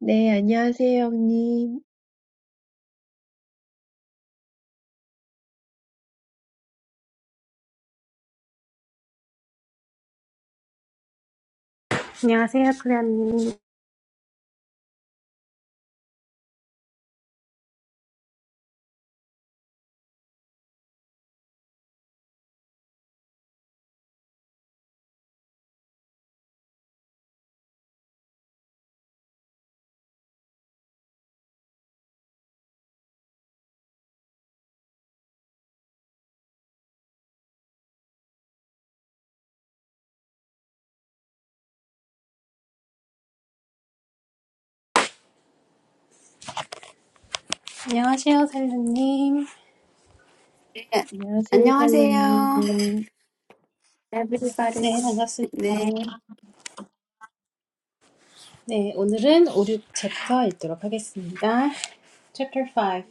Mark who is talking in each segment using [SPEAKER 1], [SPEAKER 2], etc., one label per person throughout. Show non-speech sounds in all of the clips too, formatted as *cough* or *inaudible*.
[SPEAKER 1] 네, 안녕하세요, 형님.
[SPEAKER 2] 안녕하세요, 클레어님. 안녕하세요, 살루님.
[SPEAKER 3] 네,
[SPEAKER 1] 안녕하세요,
[SPEAKER 3] 안녕하세요,
[SPEAKER 1] 샬롬님.
[SPEAKER 2] 네,
[SPEAKER 3] everybody.
[SPEAKER 2] 반갑습니다.
[SPEAKER 3] 네,
[SPEAKER 2] 네, 오늘은 5, 6 챕터 읽도록 하겠습니다. Chapter 5.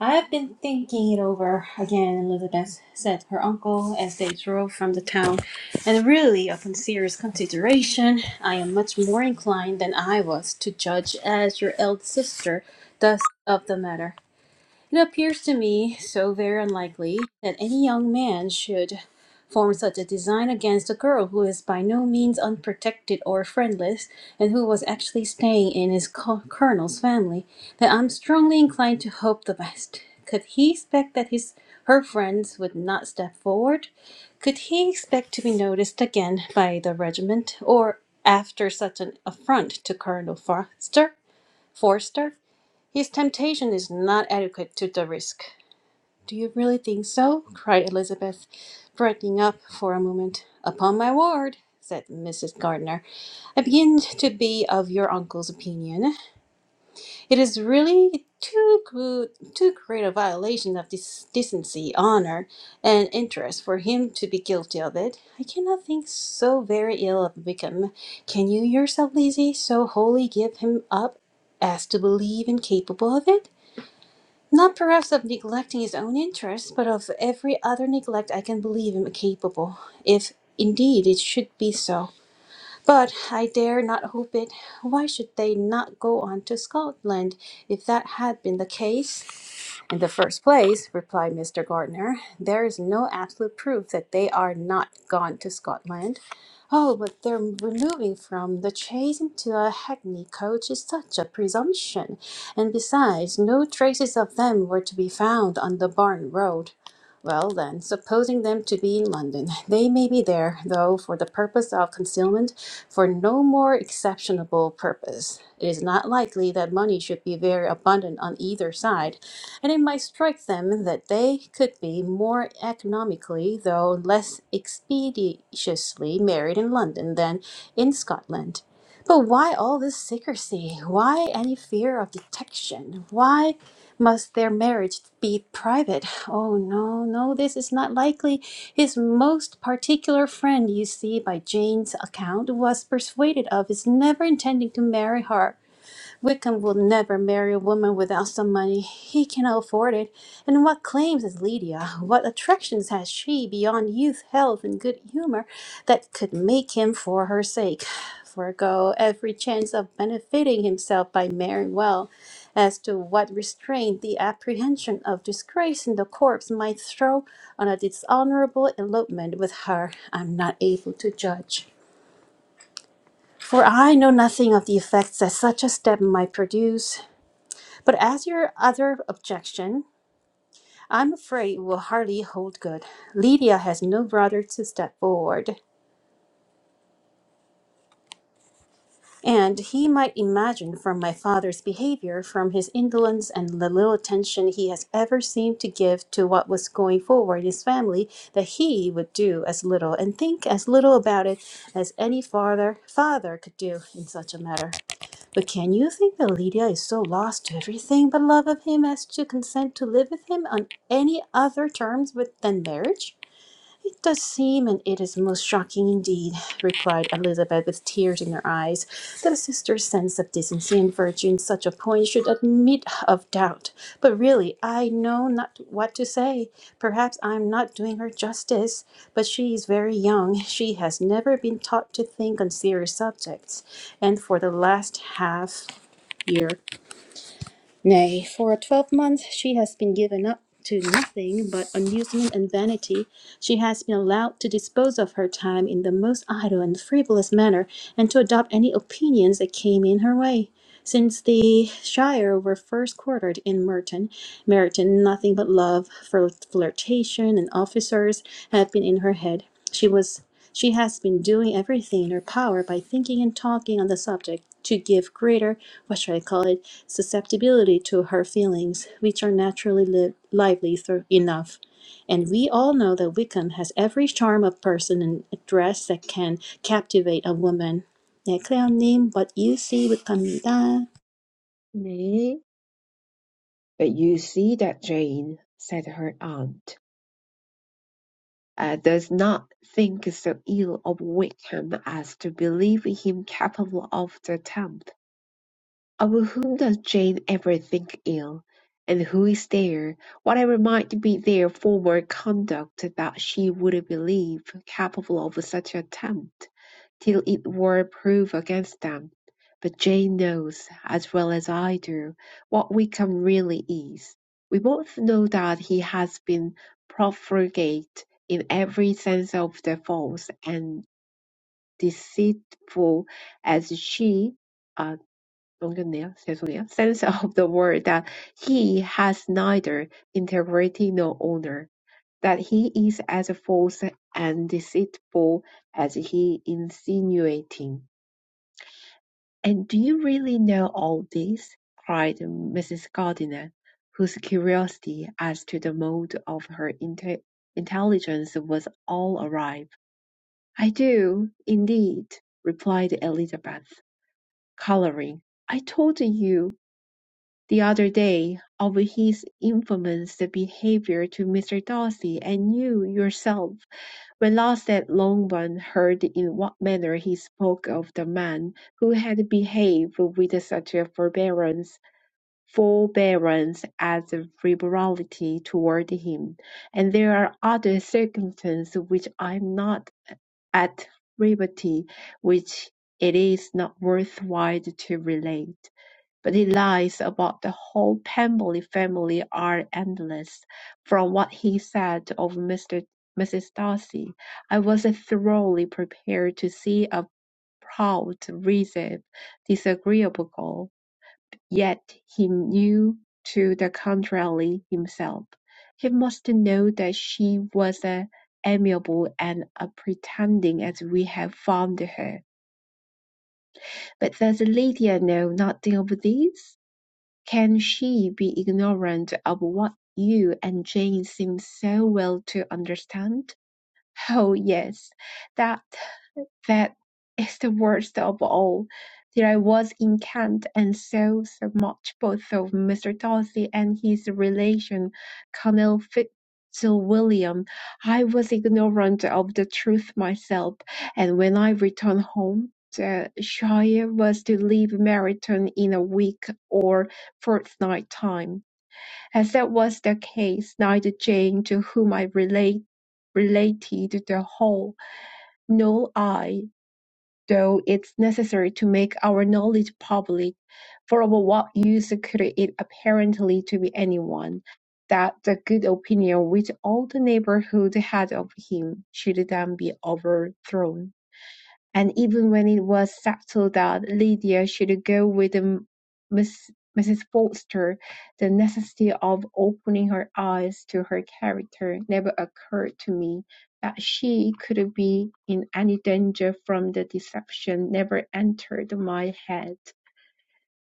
[SPEAKER 2] I have been thinking it over again, Elizabeth said her uncle as they drove from the town. And really, upon serious consideration, I am much more inclined than I was to judge as your eldest sister does of the matter. It appears to me so very unlikely that any young man should form such a design against a girl who is by no means unprotected or friendless, and who was actually staying in his co- colonel's family, that I'm strongly inclined to hope the best. Could he expect that his her friends would not step forward? Could he expect to be noticed again by the regiment, or after such an affront to Colonel Foster? Forster, his temptation is not adequate to the risk. Do you really think so? cried Elizabeth, brightening up for a moment. Upon my word, said Mrs. Gardiner, I begin to be of your uncle's opinion. It is really too good, too great a violation of this decency, honor, and interest for him to be guilty of it. I cannot think so very ill of Wickham. Can you yourself, Lizzie, so wholly give him up as to believe him capable of it? Not perhaps of neglecting his own interests, but of every other neglect I can believe him capable, if indeed it should be so. But I dare not hope it. Why should they not go on to Scotland if that had been the case? In the first place, replied Mr. Gardner, there is no absolute proof that they are not gone to Scotland. Oh, but their removing from the chaise into a hackney coach is such a presumption. And besides, no traces of them were to be found on the Barn Road. Well, then, supposing them to be in London, they may be there, though, for the purpose of concealment, for no more exceptionable purpose. It is not likely that money should be very abundant on either side, and it might strike them that they could be more economically, though less expeditiously, married in London than in Scotland. But why all this secrecy? Why any fear of detection? Why must their marriage be private? Oh, no, no, this is not likely. His most particular friend, you see, by Jane's account, was persuaded of his never intending to marry her Wickham will never marry a woman without some money. He cannot afford it. And what claims is Lydia? What attractions has she beyond youth, health, and good humor that could make him for her sake forego every chance of benefiting himself by marrying well? As to what restraint the apprehension of disgrace in the corpse might throw on a dishonorable elopement with her, I'm not able to judge. For I know nothing of the effects that such a step might produce. But as your other objection, I'm afraid will hardly hold good. Lydia has no brother to step forward, and he might imagine from my father's behavior, from his indolence and the little attention he has ever seemed to give to what was going forward in his family, that he would do as little and think as little about it as any father father could do in such a matter. But can you think that Lydia is so lost to everything but love of him as to consent to live with him on any other terms with, than marriage? It does seem, and it is most shocking indeed, replied Elizabeth with tears in her eyes, that a sister's sense of decency and virtue in such a point should admit of doubt. But really, I know not what to say. Perhaps I am not doing her justice, but she is very young. She has never been taught to think on serious subjects and for the last half year. Nay, for twelve months she has been given up to nothing but amusement and vanity. She has been allowed to dispose of her time in the most idle and frivolous manner, and to adopt any opinions that came in her way. Since the Shire were first quartered in Merton, Meryton, nothing but love, flirt- flirtation, and officers have been in her head. She was she has been doing everything in her power by thinking and talking on the subject to give greater, what should I call it, susceptibility to her feelings, which are naturally live, lively through enough. And we all know that Wickham has every charm of person and dress that can captivate a woman. 네, 클레어님, what you see Wickham입니다.
[SPEAKER 1] 네. But you see that Jane, said her aunt, uh, does not think so ill of Wickham as to believe him capable of the attempt. Of whom does Jane ever think ill, and who is there, whatever might be their former conduct, that she would believe capable of such attempt, till it were proved against them? But Jane knows, as well as I do, what Wickham really is. We both know that he has been profligate in every sense of the false and deceitful as she uh, Ungenia, Cesunia, sense of the word that he has neither integrity nor honor, that he is as false and deceitful as he insinuating. And do you really know all this? cried Mrs. Gardiner, whose curiosity as to the mode of her inte- intelligence was all alive. I do, indeed, replied Elizabeth, colouring. I told you. the other day of his infamous behaviour to Mr. Darcy, and you yourself, when last at Longbourn, heard in what manner he spoke of the man who had behaved with such a forbearance forbearance as liberality toward him, and there are other circumstances which I am not at liberty, which it is not worth while to relate. But his lies about the whole Pemberley family are endless. From what he said of Mr. Mrs. Darcy, I was thoroughly prepared to see a proud, reserved, disagreeable girl. Yet he knew to the contrary himself. He must know that she was as amiable and a pretending as we have found her. But does Lydia know nothing of this? Can she be ignorant of what you and Jane seem so well to understand? Oh yes, that that is the worst of all. There I was in Kent and saw so much both of Mr. Darcy and his relation, Colonel Fitzwilliam. I was ignorant of the truth myself, and when I returned home, the Shire was to leave Meryton in a week or fortnight time. As that was the case, neither Jane, to whom I relate related the whole, nor I (though it's necessary to make our knowledge public, for of what use could it apparently to be anyone?) that the good opinion which all the neighbourhood had of him should then be overthrown. And even when it was settled that Lydia should go with the Miss, Mrs. Forster, the necessity of opening her eyes to her character never occurred to me. That she could be in any danger from the deception never entered my head.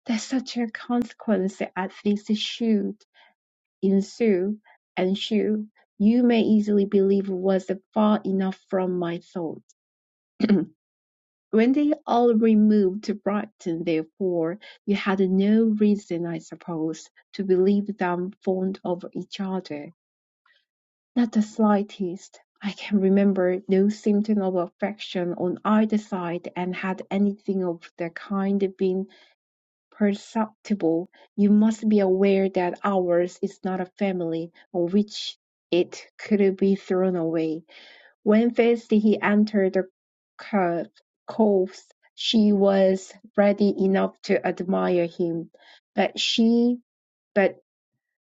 [SPEAKER 1] That such a consequence as this should ensue, ensue, you may easily believe was far enough from my thought. When they all removed to Brighton, therefore, you had no reason, I suppose, to believe them fond of each other. Not the slightest. I can remember no symptom of affection on either side, and had anything of the kind been perceptible, you must be aware that ours is not a family on which it could be thrown away. When first he entered the court, she was ready enough to admire him, but she but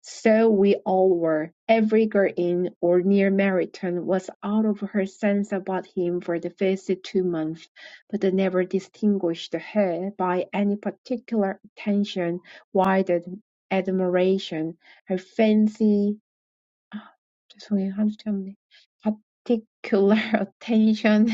[SPEAKER 1] so we all were. Every girl in or near Meryton was out of her sense about him for the first two months, but they never distinguished her by any particular attention, wide ad- admiration. Her fancy 아 죄송해요. 하루 참네. Particular *laughs* attention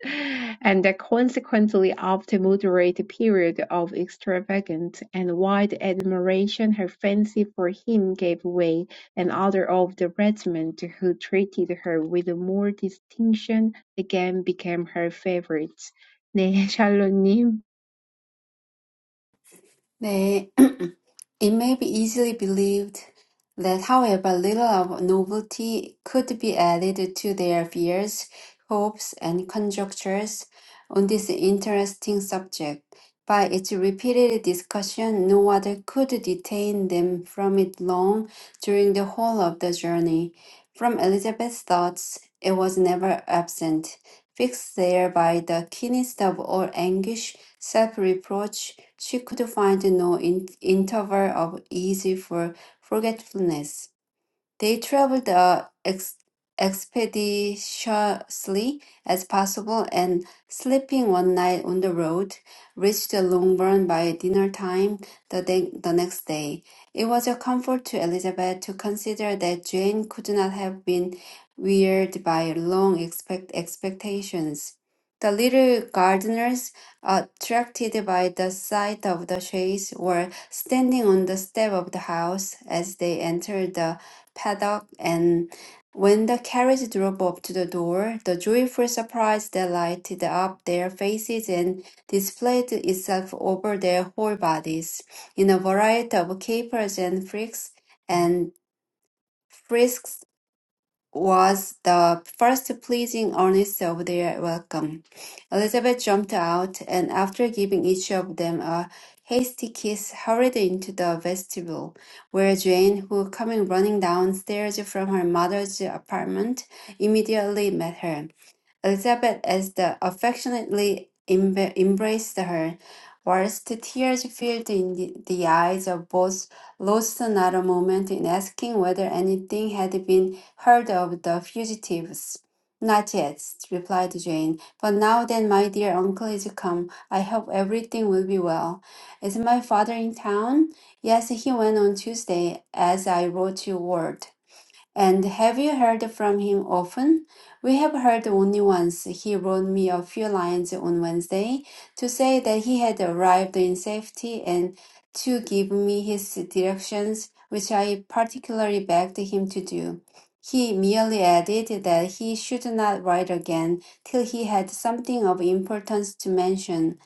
[SPEAKER 1] *laughs* and consequently of the moderate period of extravagant and wide admiration her fancy for him gave way, and other of the regiment who treated her with more distinction again became her favorites. 네, *laughs* 샬로님.
[SPEAKER 3] 네. *clears throat* It may be easily believed that, however, little of novelty could be added to their fears, hopes, and conjectures on this interesting subject. By its repeated discussion, no other could detain them from it long during the whole of the journey. From Elizabeth's thoughts, it was never absent, fixed there by the keenest of all anguish, self reproach, she could find no in- interval of ease for forgetfulness. They traveled as ex- expeditiously as possible, and sleeping one night on the road, reached Longbourn by dinner time the, day- the next day. It was a comfort to Elizabeth to consider that Jane could not have been wearied by long expect- expectations. The little gardeners, attracted by the sight of the chaise, were standing on the step of the house as they entered. the paddock, and when the carriage drove up to the door, the joyful surprise that lighted up their faces and displayed itself over their whole bodies in a variety of capers and freaks and frisks was the first pleasing earnest of their welcome. Elizabeth jumped out, and after giving each of them a hasty kiss, hurried into the vestibule, where Jane, who coming running downstairs from her mother's apartment, immediately met her. Elizabeth, as the affectionately emb- embraced her, whilst tears filled in the, the eyes of both, lost not a moment in asking whether anything had been heard of the fugitives. Not yet, replied Jane. But now that my dear uncle is come, I hope everything will be well. Is my father in town? Yes, he went on Tuesday, as I wrote you word. And have you heard from him often? We have heard only once. He wrote me a few lines on Wednesday to say that he had arrived in safety and to give me his directions, which I particularly begged him to do. He merely added that he should not write again till he had something of importance to mention.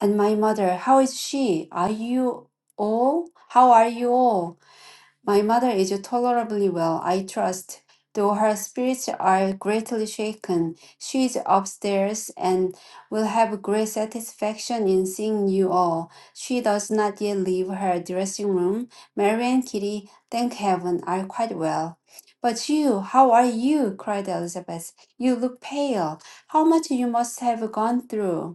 [SPEAKER 3] And my mother, how is she? Are you all? How are you all? My mother is tolerably well, I trust, though her spirits are greatly shaken. She is upstairs and will have great satisfaction in seeing you all. She does not yet leave her dressing room. Mary and Kitty, thank heaven, are quite well. But you, how are you? cried Elizabeth. You look pale. How much you must have gone through.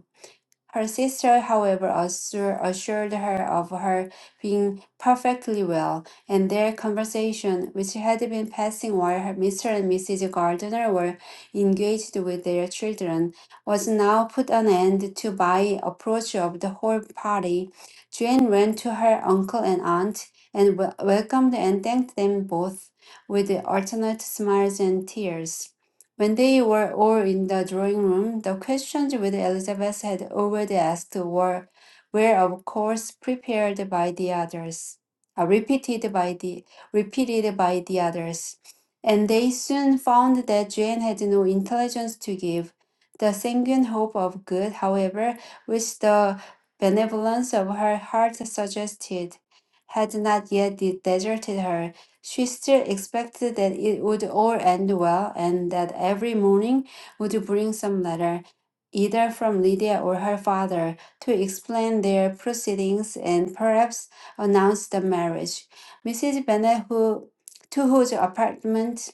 [SPEAKER 3] Her sister, however, assur- assured her of her being perfectly well, and their conversation, which had been passing while her- Mr. and Mrs. Gardiner were engaged with their children, was now put an end to by approach of the whole party. Jane ran to her uncle and aunt and wel- welcomed and thanked them both with alternate smiles and tears. When they were all in the drawing room, the questions which Elizabeth had already asked were, were of course prepared by the others, uh, repeated by the repeated by the others, and they soon found that Jane had no intelligence to give. The sanguine hope of good, however, which the benevolence of her heart suggested, had not yet de- deserted her, she still expected that it would all end well and that every morning would bring some letter, either from Lydia or her father, to explain their proceedings and perhaps announce the marriage. Mrs. Bennet, who, to whose apartment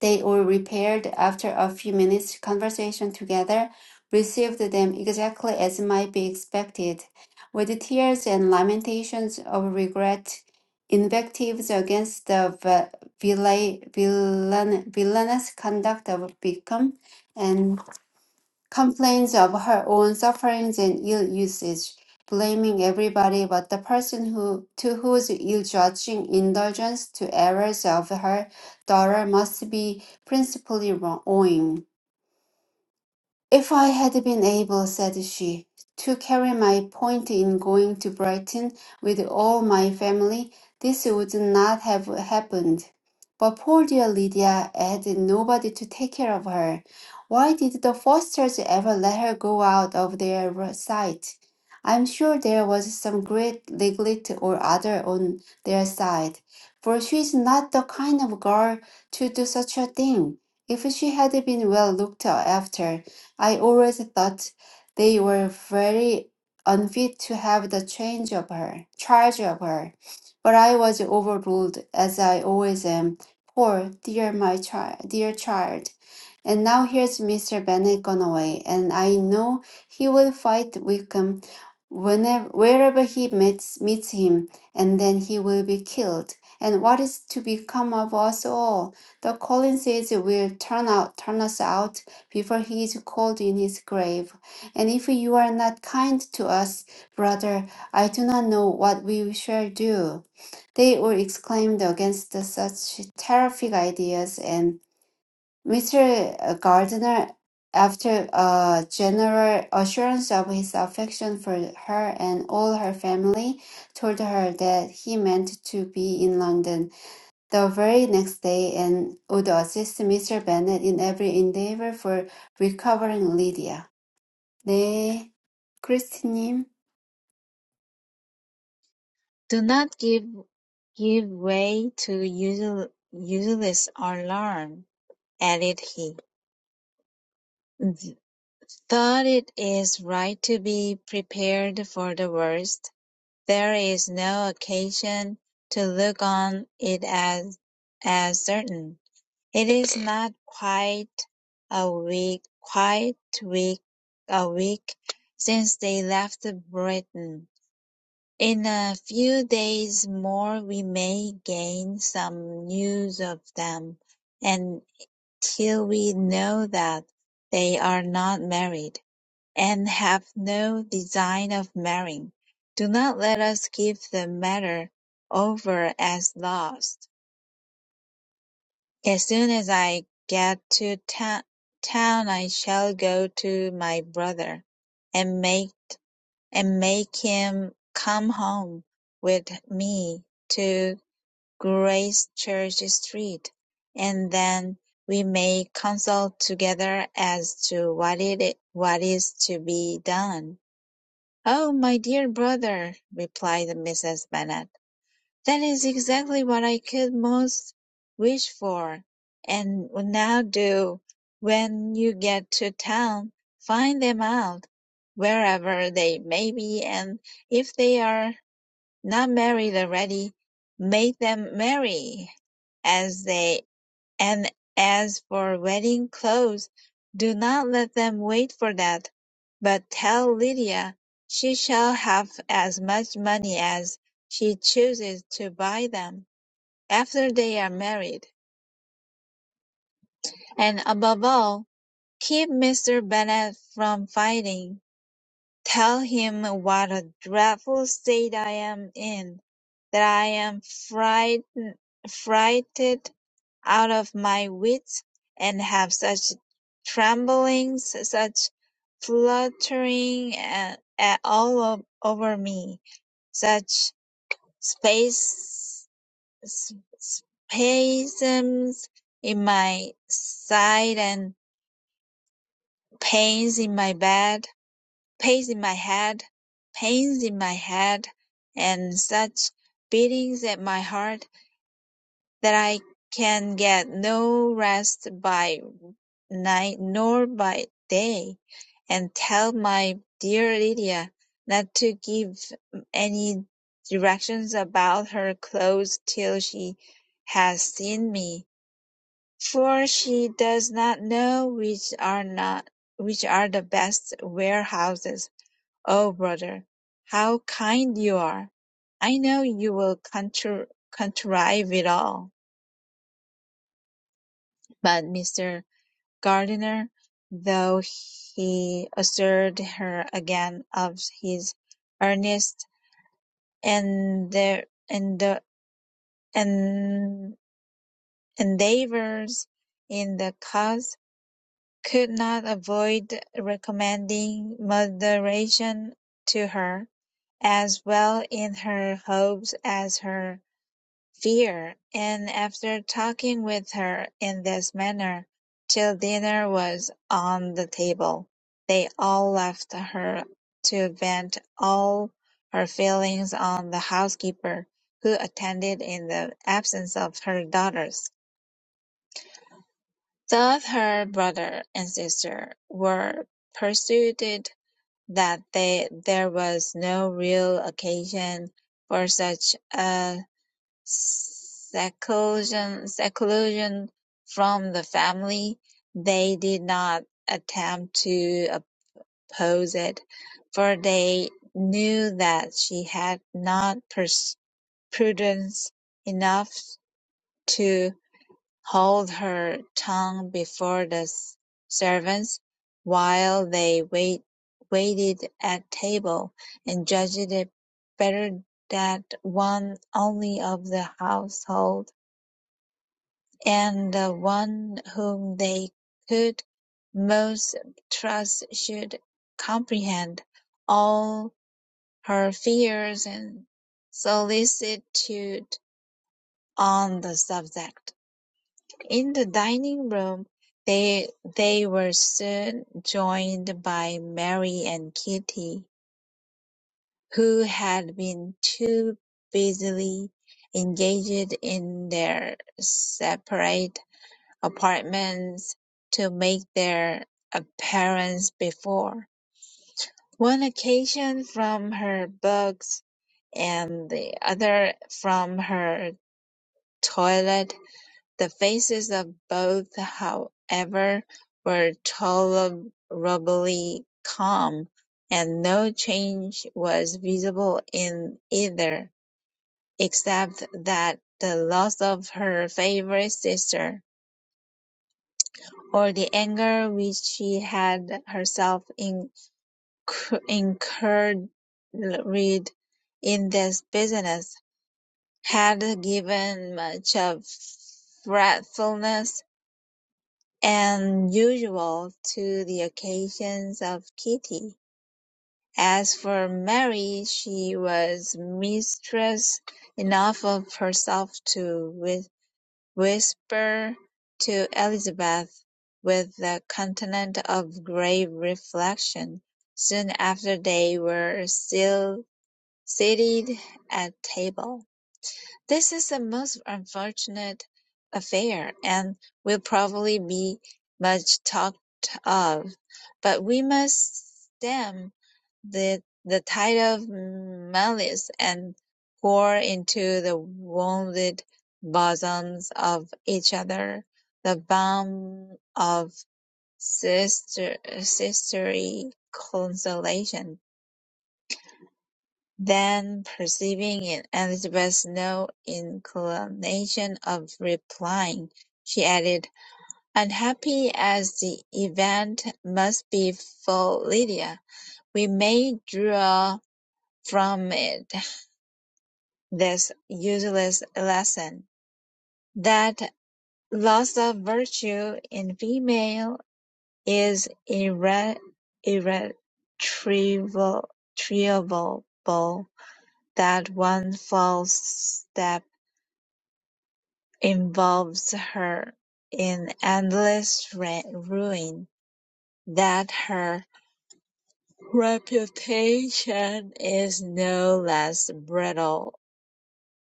[SPEAKER 3] they all repaired after a few minutes' conversation together, received them exactly as might be expected, with tears and lamentations of regret, invectives against the va- villa- villan- villainous conduct of Beacom, and complains of her own sufferings and ill usage, blaming everybody but the person who to whose ill-judging indulgence to errors of her daughter must be principally wrong- owing. If I had been able, said she, to carry my point in going to Brighton with all my family, this would not have happened. But poor dear Lydia had nobody to take care of her. Why did the Fosters ever let her go out of their sight? I'm sure there was some great neglect or other on their side, for she's not the kind of girl to do such a thing. If she had been well looked after, I always thought they were very unfit to have the change of her, charge of her. But I was overruled, as I always am. Poor dear my child, dear child. And now here's Mr. Bennet gone away, and I know he will fight Wickham whenever wherever he meets meets him, and then he will be killed. And what is to become of us all? The Collinses will turn out turn us out before he is cold in his grave. And if you are not kind to us, brother, I do not know what we shall do. They all exclaimed against such terrific ideas, and Mr. Gardiner, after a general assurance of his affection for her and all her family, told her that he meant to be in London the very next day and would assist Mr. Bennet in every endeavour for recovering Lydia. 네, 크리스티님.
[SPEAKER 4] Do not give give way to usel- useless alarm, added he. Though it is right to be prepared for the worst, there is no occasion to look on it as as certain. It is not quite a week quite week a week since they left Britain In a few days more we may gain some news of them, and till we know that they are not married, and have no design of marrying, do not let us give the matter over as lost. As soon as I get to ta- town I shall go to my brother, and make and make him come home with me to Grace Church Street, and then we may consult together as to what it what is to be done. Oh, my dear brother, replied Mrs. Bennet. That is exactly what I could most wish for, and will now do. When you get to town, find them out, wherever they may be, and if they are not married already, make them marry, as they and as for wedding clothes, do not let them wait for that, but tell Lydia she shall have as much money as she chooses to buy them after they are married. And above all, keep Mr. Bennet from fighting. Tell him what a dreadful state I am in, that I am frightened, frighted out of my wits, and have such tremblings, such fluttering a- a- all o- over me, such space, s- spasms in my side and pains in my bed pains in my head, pains in my head, and such beatings at my heart that I can get no rest by night nor by day, and tell my dear Lydia not to give any directions about her clothes till she has seen me, for she does not know which are not which are the best warehouses Oh, brother, how kind you are! I know you will contr- contrive it all. But Mr. Gardiner, though he assured her again of his earnest and the, and the, and endeavors in the cause, could not avoid recommending moderation to her, as well in her hopes as her fear, and after talking with her in this manner till dinner was on the table, they all left her to vent all her feelings on the housekeeper, who attended in the absence of her daughters. Thus her brother and sister were persuaded that they, there was no real occasion for such a Seclusion seclusion from the family, they did not attempt to oppose it, for they knew that she had not pers- prudence enough to hold her tongue before the s- servants while they wait- waited at table, and judged it better that one only of the household and the one whom they could most trust should comprehend all her fears and solicitude on the subject. In the dining room, they they were soon joined by Mary and Kitty, who had been too busily engaged in their separate apartments to make their appearance before, one occasion from her books and the other from her toilet. The faces of both, however, were tolerably calm, and no change was visible in either, except that the loss of her favourite sister or the anger which she had herself inc- incurred in this business, had given much of fretfulness and usual to the occasions of Kitty. As for Mary, she was mistress enough of herself to whisper to Elizabeth with a continent of grave reflection. Soon after they were still seated at table. This is a most unfortunate affair, and will probably be much talked of, but we must stem the the tide of malice and pour into the wounded bosoms of each other the balm of sister sisterly consolation. Then, perceiving in Elizabeth no inclination of replying, she added, "Unhappy as the event must be for Lydia, we may draw from it this useless lesson, that loss of virtue in female is irre- irretrievable, that one false step involves her in endless ruin, that her reputation is no less brittle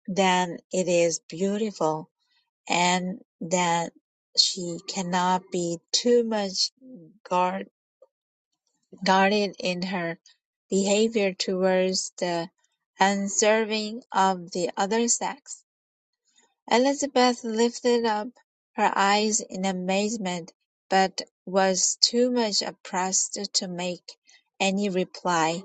[SPEAKER 4] than it is beautiful, and that she cannot be too much guard- guarded in her behavior towards the unserving of the other sex. Elizabeth lifted up her eyes in amazement, but was too much oppressed to make any reply.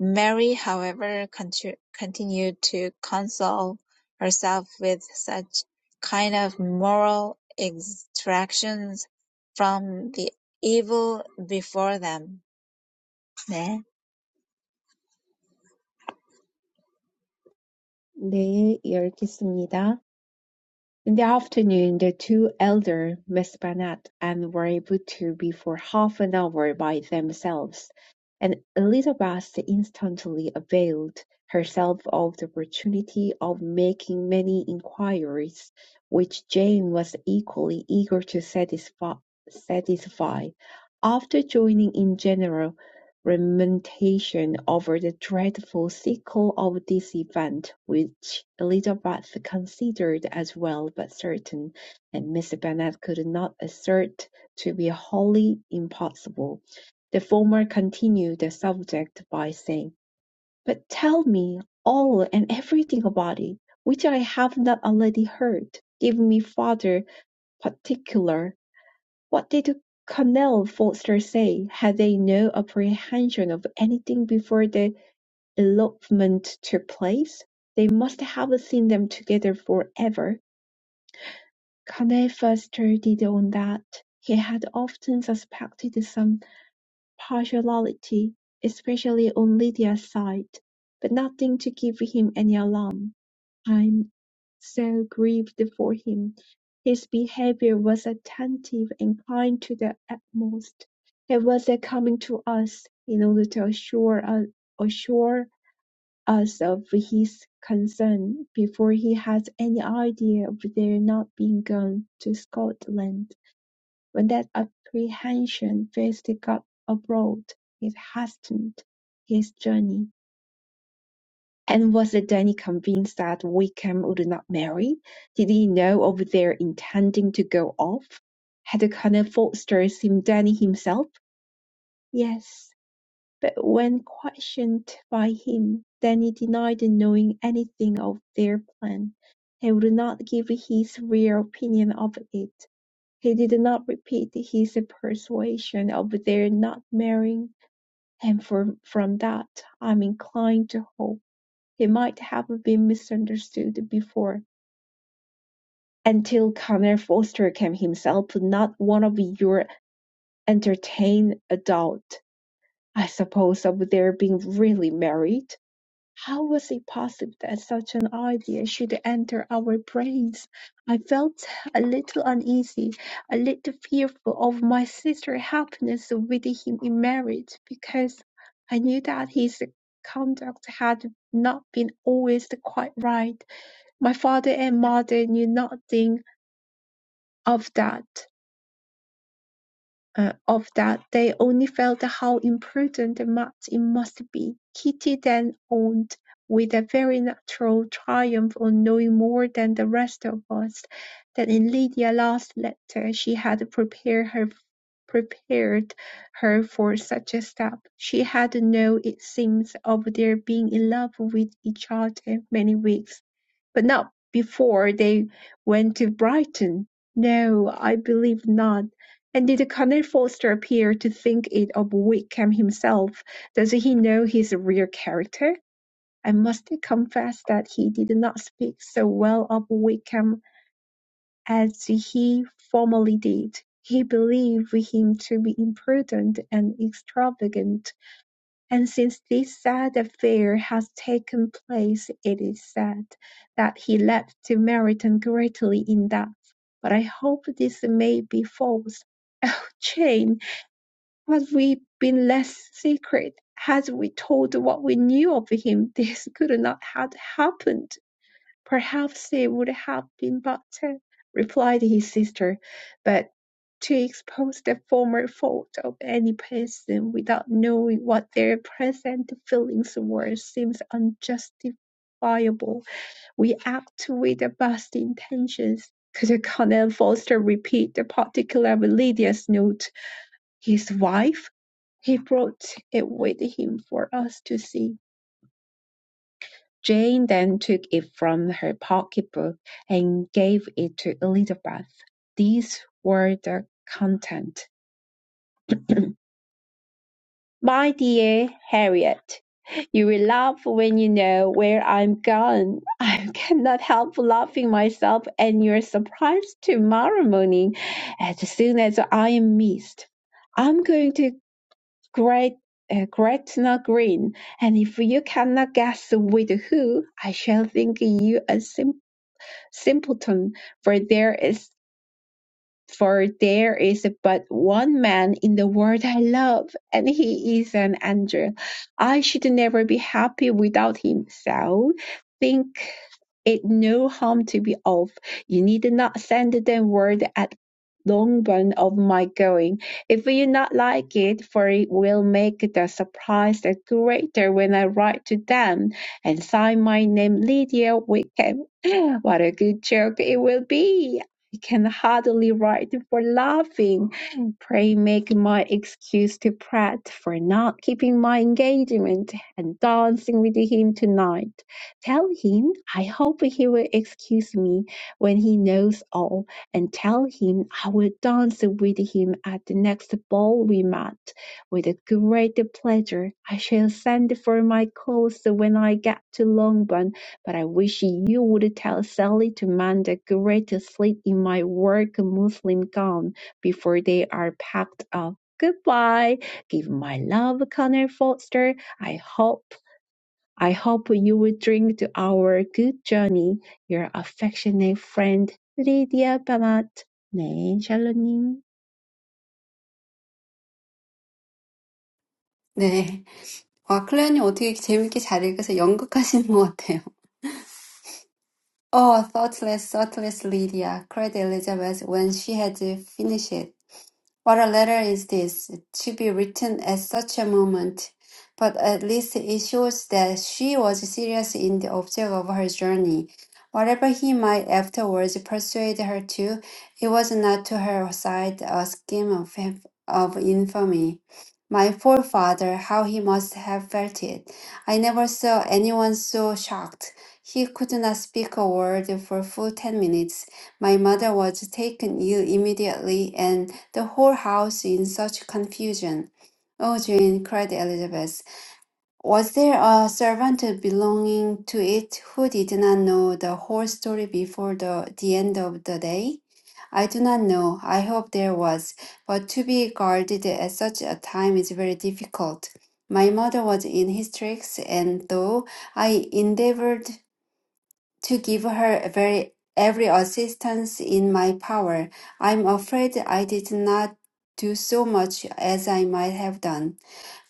[SPEAKER 4] Mary, however, contu- continued to console herself with such kind of moral extractions from the evil before them. 네,
[SPEAKER 1] 네, 열겠습니다. In the afternoon, the two elder, Miss Bennet, and were able to be for half an hour by themselves, and Elizabeth instantly availed herself of the opportunity of making many inquiries, which Jane was equally eager to satisfy. satisfy. After joining in general lamentation over the dreadful sequel of this event, which Elizabeth considered as well but certain, and Miss Bennet could not assert to be wholly impossible. The former continued the subject by saying, "But tell me all and everything about it, which I have not already heard. Give me farther particular what did Colonel Forster say? Had they no apprehension of anything before the elopement took place? They must have seen them together forever. Colonel Forster did own that. He had often suspected some partiality, especially on Lydia's side, but nothing to give him any alarm. I'm so grieved for him. His behavior was attentive and kind to the utmost. He was uh, coming to us in order to assure us, assure us of his concern before he had any idea of their not being gone to Scotland. When that apprehension first got abroad, it hastened his journey. And was the Danny convinced that Wickham would not marry? Did he know of their intending to go off? Had Colonel Forster seen Danny himself? Yes, but when questioned by him, Danny denied knowing anything of their plan. He would not give his real opinion of it. He did not repeat his persuasion of their not marrying, and from, from that I am inclined to hope. He might have been misunderstood before, until Connor Foster came himself, not one of your entertained adult. I suppose of their being really married. How was it possible that such an idea should enter our brains? I felt a little uneasy, a little fearful of my sister's happiness with him in marriage, because I knew that his conduct had not been always quite right. My father and mother knew nothing of that Uh, of that; they only felt how imprudent and much it must be. Kitty then owned, with a very natural triumph on knowing more than the rest of us, that in Lydia's last letter she had prepared her prepared her for such a step. She had known, it seems, of their being in love with each other many weeks. But not before they went to Brighton. No, I believe not. And did Colonel Forster appear to think it of Wickham himself? Does he know his real character? I must confess that he did not speak so well of Wickham as he formerly did. He believed him to be imprudent and extravagant. And since this sad affair has taken place, it is said that he left to Meryton greatly in debt. But I hope this may be false. *laughs* Oh, Jane, had we been less secret, had we told what we knew of him, this could not have happened. Perhaps it would have been better, replied his sister, but to expose the former fault of any person without knowing what their present feelings were seems unjustifiable. We act with the best intentions. Could Colonel Foster repeat the particular of Lydia's note? His wife? He brought it with him for us to see. Jane then took it from her pocketbook and gave it to Elizabeth. These were the contents. *clears throat* My dear Harriet, you will laugh when you know where I'm gone. *laughs* I cannot help laughing myself and your surprise tomorrow morning as soon as I am missed. I'm going to Gret- uh, Gretna Green, and if you cannot guess with who, I shall think you a simpleton. simpleton, for there is for there is but one man in the world I love, and he is an angel. I should never be happy without him, so think it no harm to be off. You need not send them word at Longbourn of my going, if you not like it, for it will make the surprise the greater when I write to them, and sign my name Lydia Wickham. *gasps* What a good joke it will be! I can hardly write for laughing. Pray make my excuse to Pratt for not keeping my engagement and dancing with him tonight. Tell him I hope he will excuse me when he knows all, and tell him I will dance with him at the next ball we met. With great pleasure, I shall send for my clothes when I get to Longbourn but I wish you would tell Sally to mend the gray to sleep in my work muslin gown before they are packed up. Goodbye. Give my love, Connor Foster. I hope I hope you will drink to our good journey. Your affectionate friend, Lydia Bamat. 네, 샬로님.
[SPEAKER 3] 네. 와, 클레어님 어떻게 재밌게 잘 읽어서 연극하시는 것 같아요. Oh, thoughtless, thoughtless Lydia, cried Elizabeth when she had finished. What a letter is this, to be written at such a moment! But at least it shows that she was serious in the object of her journey. Whatever he might afterwards persuade her to, it was not to her side a scheme of, of infamy. My forefather, how he must have felt it! I never saw anyone so shocked. He could not speak a word for full ten minutes. My mother was taken ill immediately, and the whole house in such confusion. Oh, Jane, cried Elizabeth, was there a servant belonging to it who did not know the whole story before the, the end of the day? I do not know. I hope there was, but to be guarded at such a time is very difficult. My mother was in hysterics, and though I endeavored to give her very every assistance in my power. I'm afraid I did not do so much as I might have done,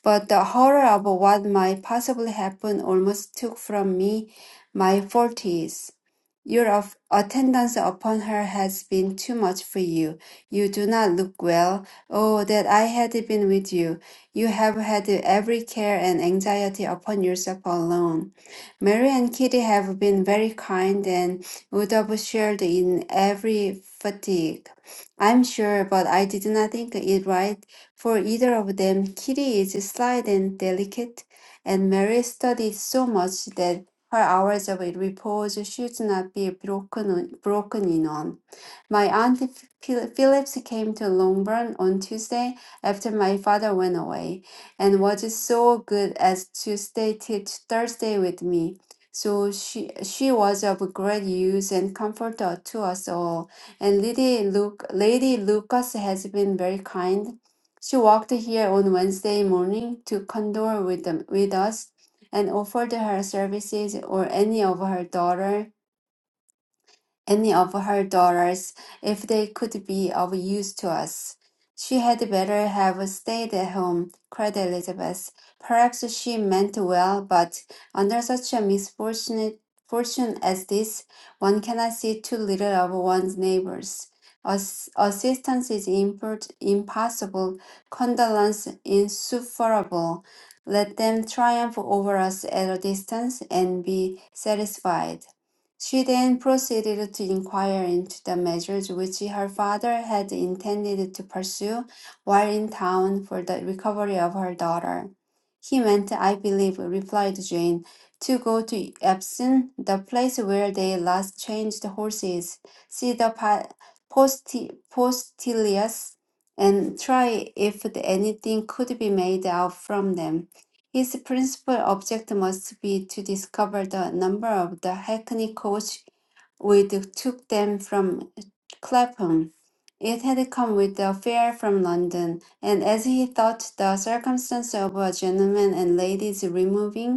[SPEAKER 3] but the horror of what might possibly happen almost took from me my forties. Your attendance upon her has been too much for you. You do not look well. Oh, that I had been with you. You have had every care and anxiety upon yourself alone. Mary and Kitty have been very kind and would have shared in every fatigue. I'm sure, but I did not think it right for either of them. Kitty is slight and delicate, and Mary studied so much that her hours of repose should not be broken, broken in on. My aunt Phil- Phillips came to Longbourn on Tuesday after my father went away, and was so good as to stay till Thursday with me. So she she was of great use and comfort to us all. And Lady Luke, Lady Lucas has been very kind. She walked here on Wednesday morning to condole with them, with us and offered her services or any of her daughter any of her daughters if they could be of use to us. She had better have stayed at home, cried Elizabeth. Perhaps she meant well, but under such a misfortunate fortune as this, one cannot see too little of one's neighbors. Ass- assistance is import- impossible, condolence insufferable. Let them triumph over us at a distance and be satisfied. She then proceeded to inquire into the measures which her father had intended to pursue while in town for the recovery of her daughter. He meant, I believe, replied Jane, to go to Epsom, the place where they last changed horses, see the pa- posti- postilions, and try if anything could be made out from them. His principal object must be to discover the number of the hackney coach which took them from Clapham. It had come with a fare from London, and as he thought the circumstance of a gentleman and lady's removing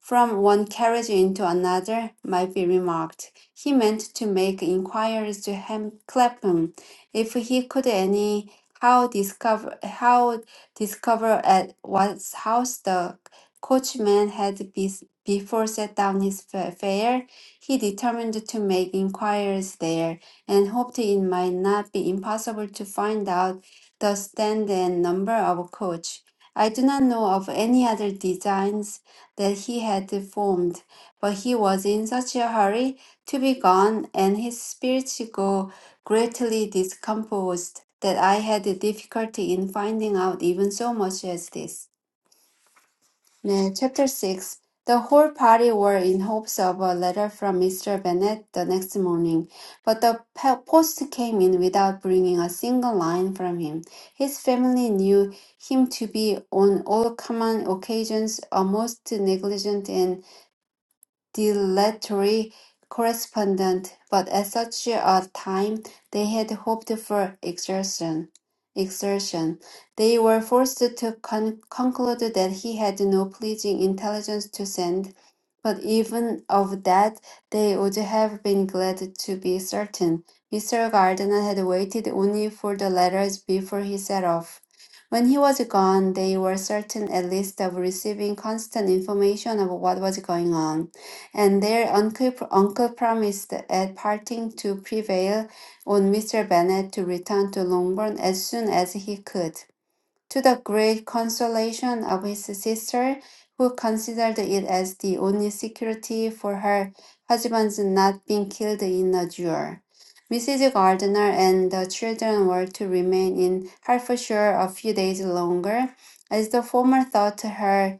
[SPEAKER 3] from one carriage into another might be remarked. He meant to make inquiries to Ham Clapham, if he could any how discover how discover at what house the coachman had be, before set down his fa- fare. He determined to make inquiries there, and hoped it might not be impossible to find out the stand and number of a coach. I do not know of any other designs that he had formed, but he was in such a hurry to be gone, and his spirits grew greatly discomposed, that I had difficulty in finding out even so much as this. 네, chapter 6. The whole party were in hopes of a letter from Mr. Bennet the next morning, but the pe- post came in without bringing a single line from him. His family knew him to be on all common occasions a most negligent and dilatory correspondence, but at such a time they had hoped for exertion. Exertion. They were forced to con- conclude that he had no pleasing intelligence to send, but even of that they would have been glad to be certain. Mr. Gardiner had waited only for the letters before he set off. When he was gone, they were certain at least of receiving constant information of what was going on and their uncle, uncle promised at parting to prevail on Mr. Bennet to return to Longbourn as soon as he could, to the great consolation of his sister, who considered it as the only security for her husband's not being killed in a duel. Mrs. Gardiner and the children were to remain in Hertfordshire a few days longer, as the former thought her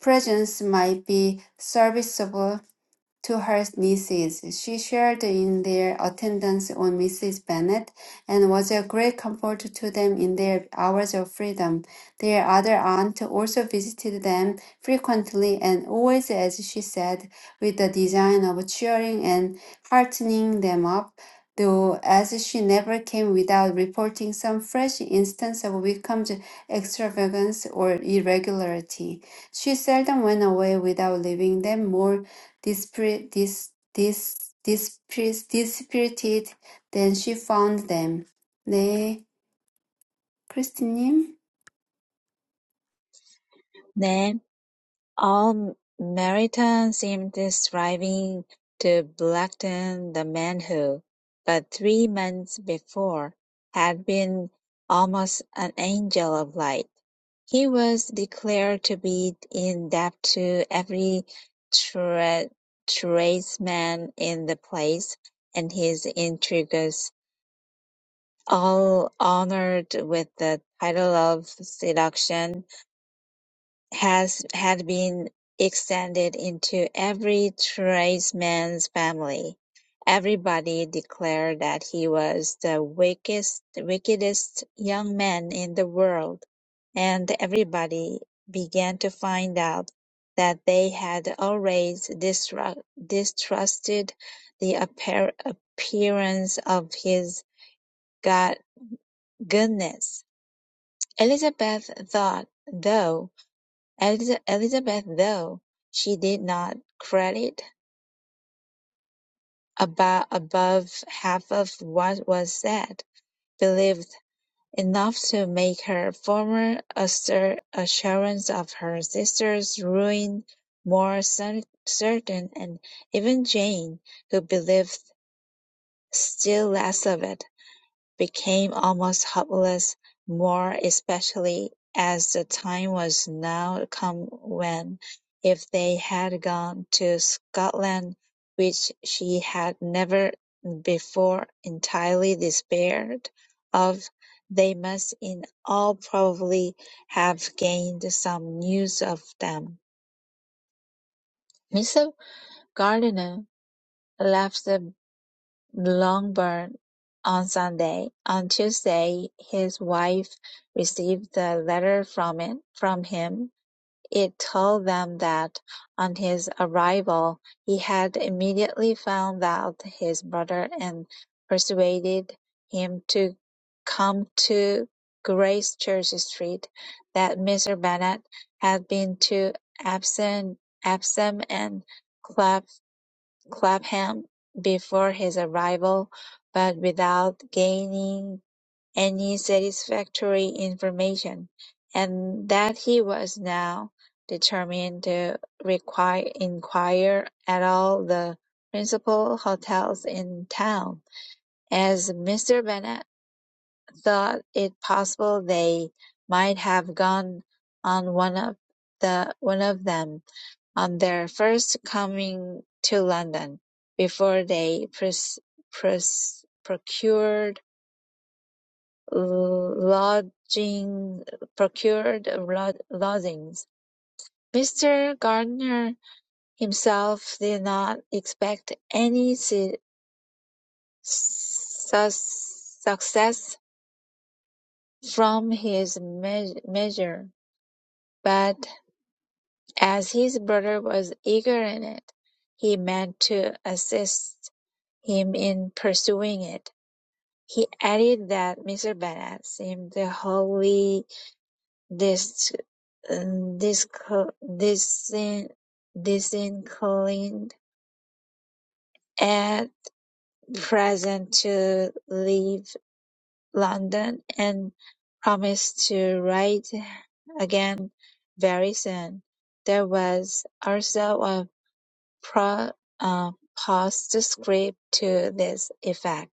[SPEAKER 3] presence might be serviceable to her nieces. She shared in their attendance on Mrs. Bennet, and was a great comfort to them in their hours of freedom. Their other aunt also visited them frequently, and always, as she said, with the design of cheering and heartening them up. Though, as she never came without reporting some fresh instance of Wickham's extravagance or irregularity, she seldom went away without leaving them more dispir- dis- dis- dispir- dispirited than she found them. 네, 크리스티님.
[SPEAKER 4] 네. All Meryton seemed striving to blacken the man who, but three months before, had been almost an angel of light. He was declared to be in debt to every tra- tradesman in the place, and his intrigues, all honoured with the title of seduction, has had been extended into every tradesman's family. Everybody declared that he was the wickedest, wickedest young man in the world, and everybody began to find out that they had always distra- distrusted the appar- appearance of his god- goodness. Elizabeth thought, though. Eliza- Elizabeth, though she did not credit about above half of what was said, believed enough to make her former asser- assurance of her sister's ruin more cer- certain, and even Jane, who believed still less of it, became almost hopeless, more especially as the time was now come when, if they had gone to Scotland, which she had never before entirely despaired of, they must in all probably have gained some news of them. Mr. Gardiner left the Longbourn on Sunday; on Tuesday his wife received a letter from it from him; it told them that, on his arrival, he had immediately found out his brother and persuaded him to come to Grace Church Street, that Mr. Bennet had been to Epsom Epsom and Clapham before his arrival, but without gaining any satisfactory information, and that he was now determined to require, inquire at all the principal hotels in town, as Mr. Bennet thought it possible they might have gone on one of the one of them on their first coming to London, before they pres- pres- procured lodging procured lod- lodgings. Mr. Gardiner himself did not expect any su- su- success from his me- measure, but as his brother was eager in it, he meant to assist him in pursuing it. He added that Mr. Bennett seemed wholly dis, dis, disin, disinclined at present to leave London and promised to write again very soon. There was also a pro, uh, postscript to this effect.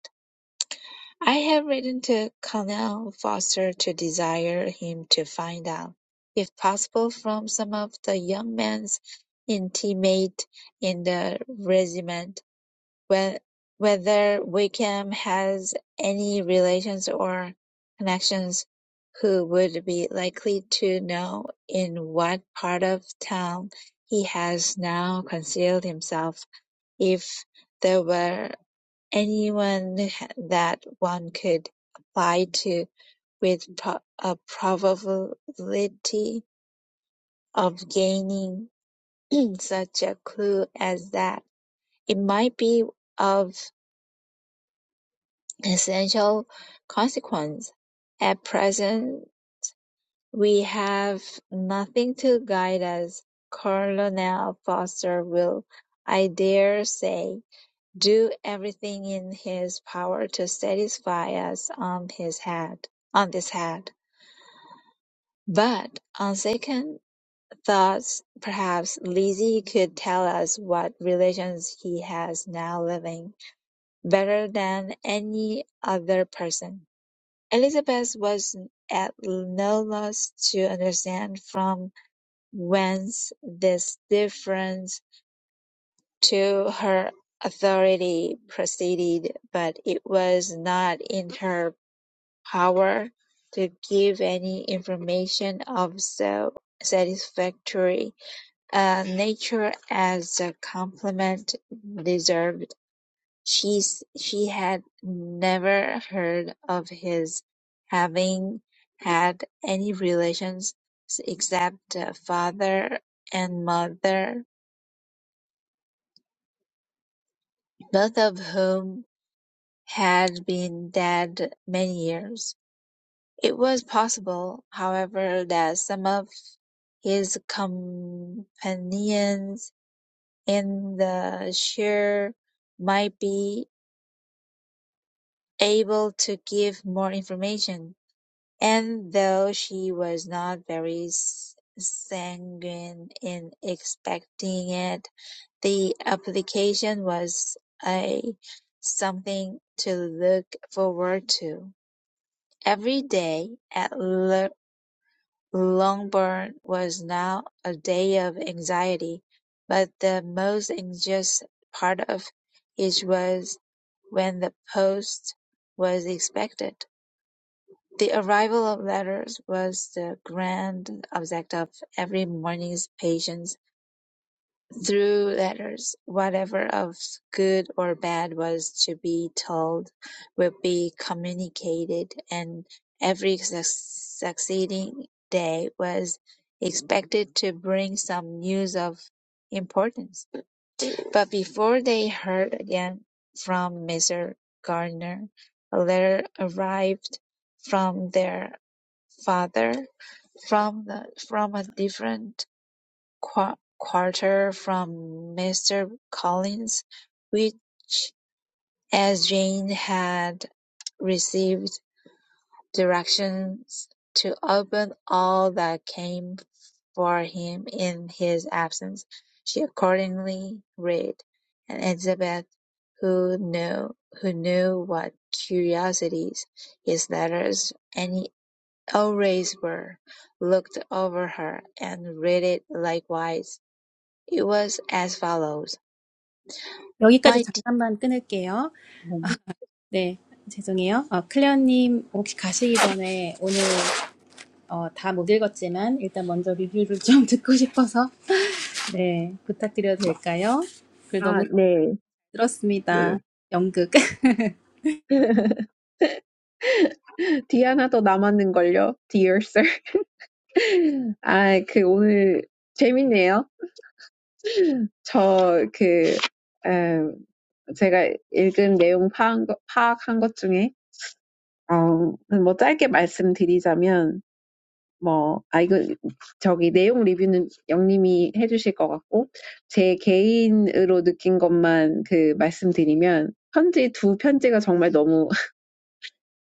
[SPEAKER 4] I have written to Colonel Foster to desire him to find out, if possible, from some of the young men's intimate in the regiment, whe- whether Wickham has any relations or connections who would be likely to know in what part of town he has now concealed himself, if there were anyone that one could apply to with pro- a probability of gaining *clears throat* such a clue as that. It might be of essential consequence. At present, we have nothing to guide us. Colonel Foster will, I dare say, do everything in his power to satisfy us on his head on this head. But on second thoughts, perhaps Lizzie could tell us what relations he has now living better than any other person. Elizabeth was at no loss to understand from whence this difference to her authority proceeded, but it was not in her power to give any information of so satisfactory a nature as the compliment deserved. She, she had never heard of his having had any relations except uh, father and mother, both of whom had been dead many years. It was possible, however, that some of his companions in the shire might be able to give more information, and though she was not very sanguine in expecting it, the application was a something to look forward to. Every day at Longbourn was now a day of anxiety, but the most anxious part of it was when the post was expected. The arrival of letters was the grand object of every morning's patience through letters, whatever of good or bad was to be told would be communicated, and every succeeding day was expected to bring some news of importance. But before they heard again from Mr. Gardner, a letter arrived from their father from the, from a different qu- quarter from Mr. Collins, which, as Jane had received directions to open all that came for him in his absence, she accordingly read; and Elizabeth, who knew who knew what curiosities his letters any always were, looked over her, and read it likewise. It was as follows.
[SPEAKER 2] 여기까지
[SPEAKER 4] My de-
[SPEAKER 2] 잠깐만 끊을게요. 네, 죄송해요. 어, 클레어님, 혹시 가시기 전에 오늘 어, 다 못 읽었지만 일단 먼저 리뷰를 좀 *laughs* 듣고 싶어서 네, 부탁드려도 될까요? 글
[SPEAKER 1] 아,
[SPEAKER 2] 너무
[SPEAKER 1] 네. 네.
[SPEAKER 2] 들었습니다. 연극. *laughs*
[SPEAKER 1] *laughs* 디아나 더 남았는걸요? Dear sir. *laughs* 아, 그 오늘 재밌네요. 저 그, 음, 제가 읽은 내용 파악한 것, 파악한 것 중에, 어, 뭐 짧게 말씀드리자면, 뭐, 아, 이거, 저기 내용 리뷰는 영님이 해주실 것 같고, 제 개인으로 느낀 것만 그 말씀드리면, 편지, 두 편지가 정말 너무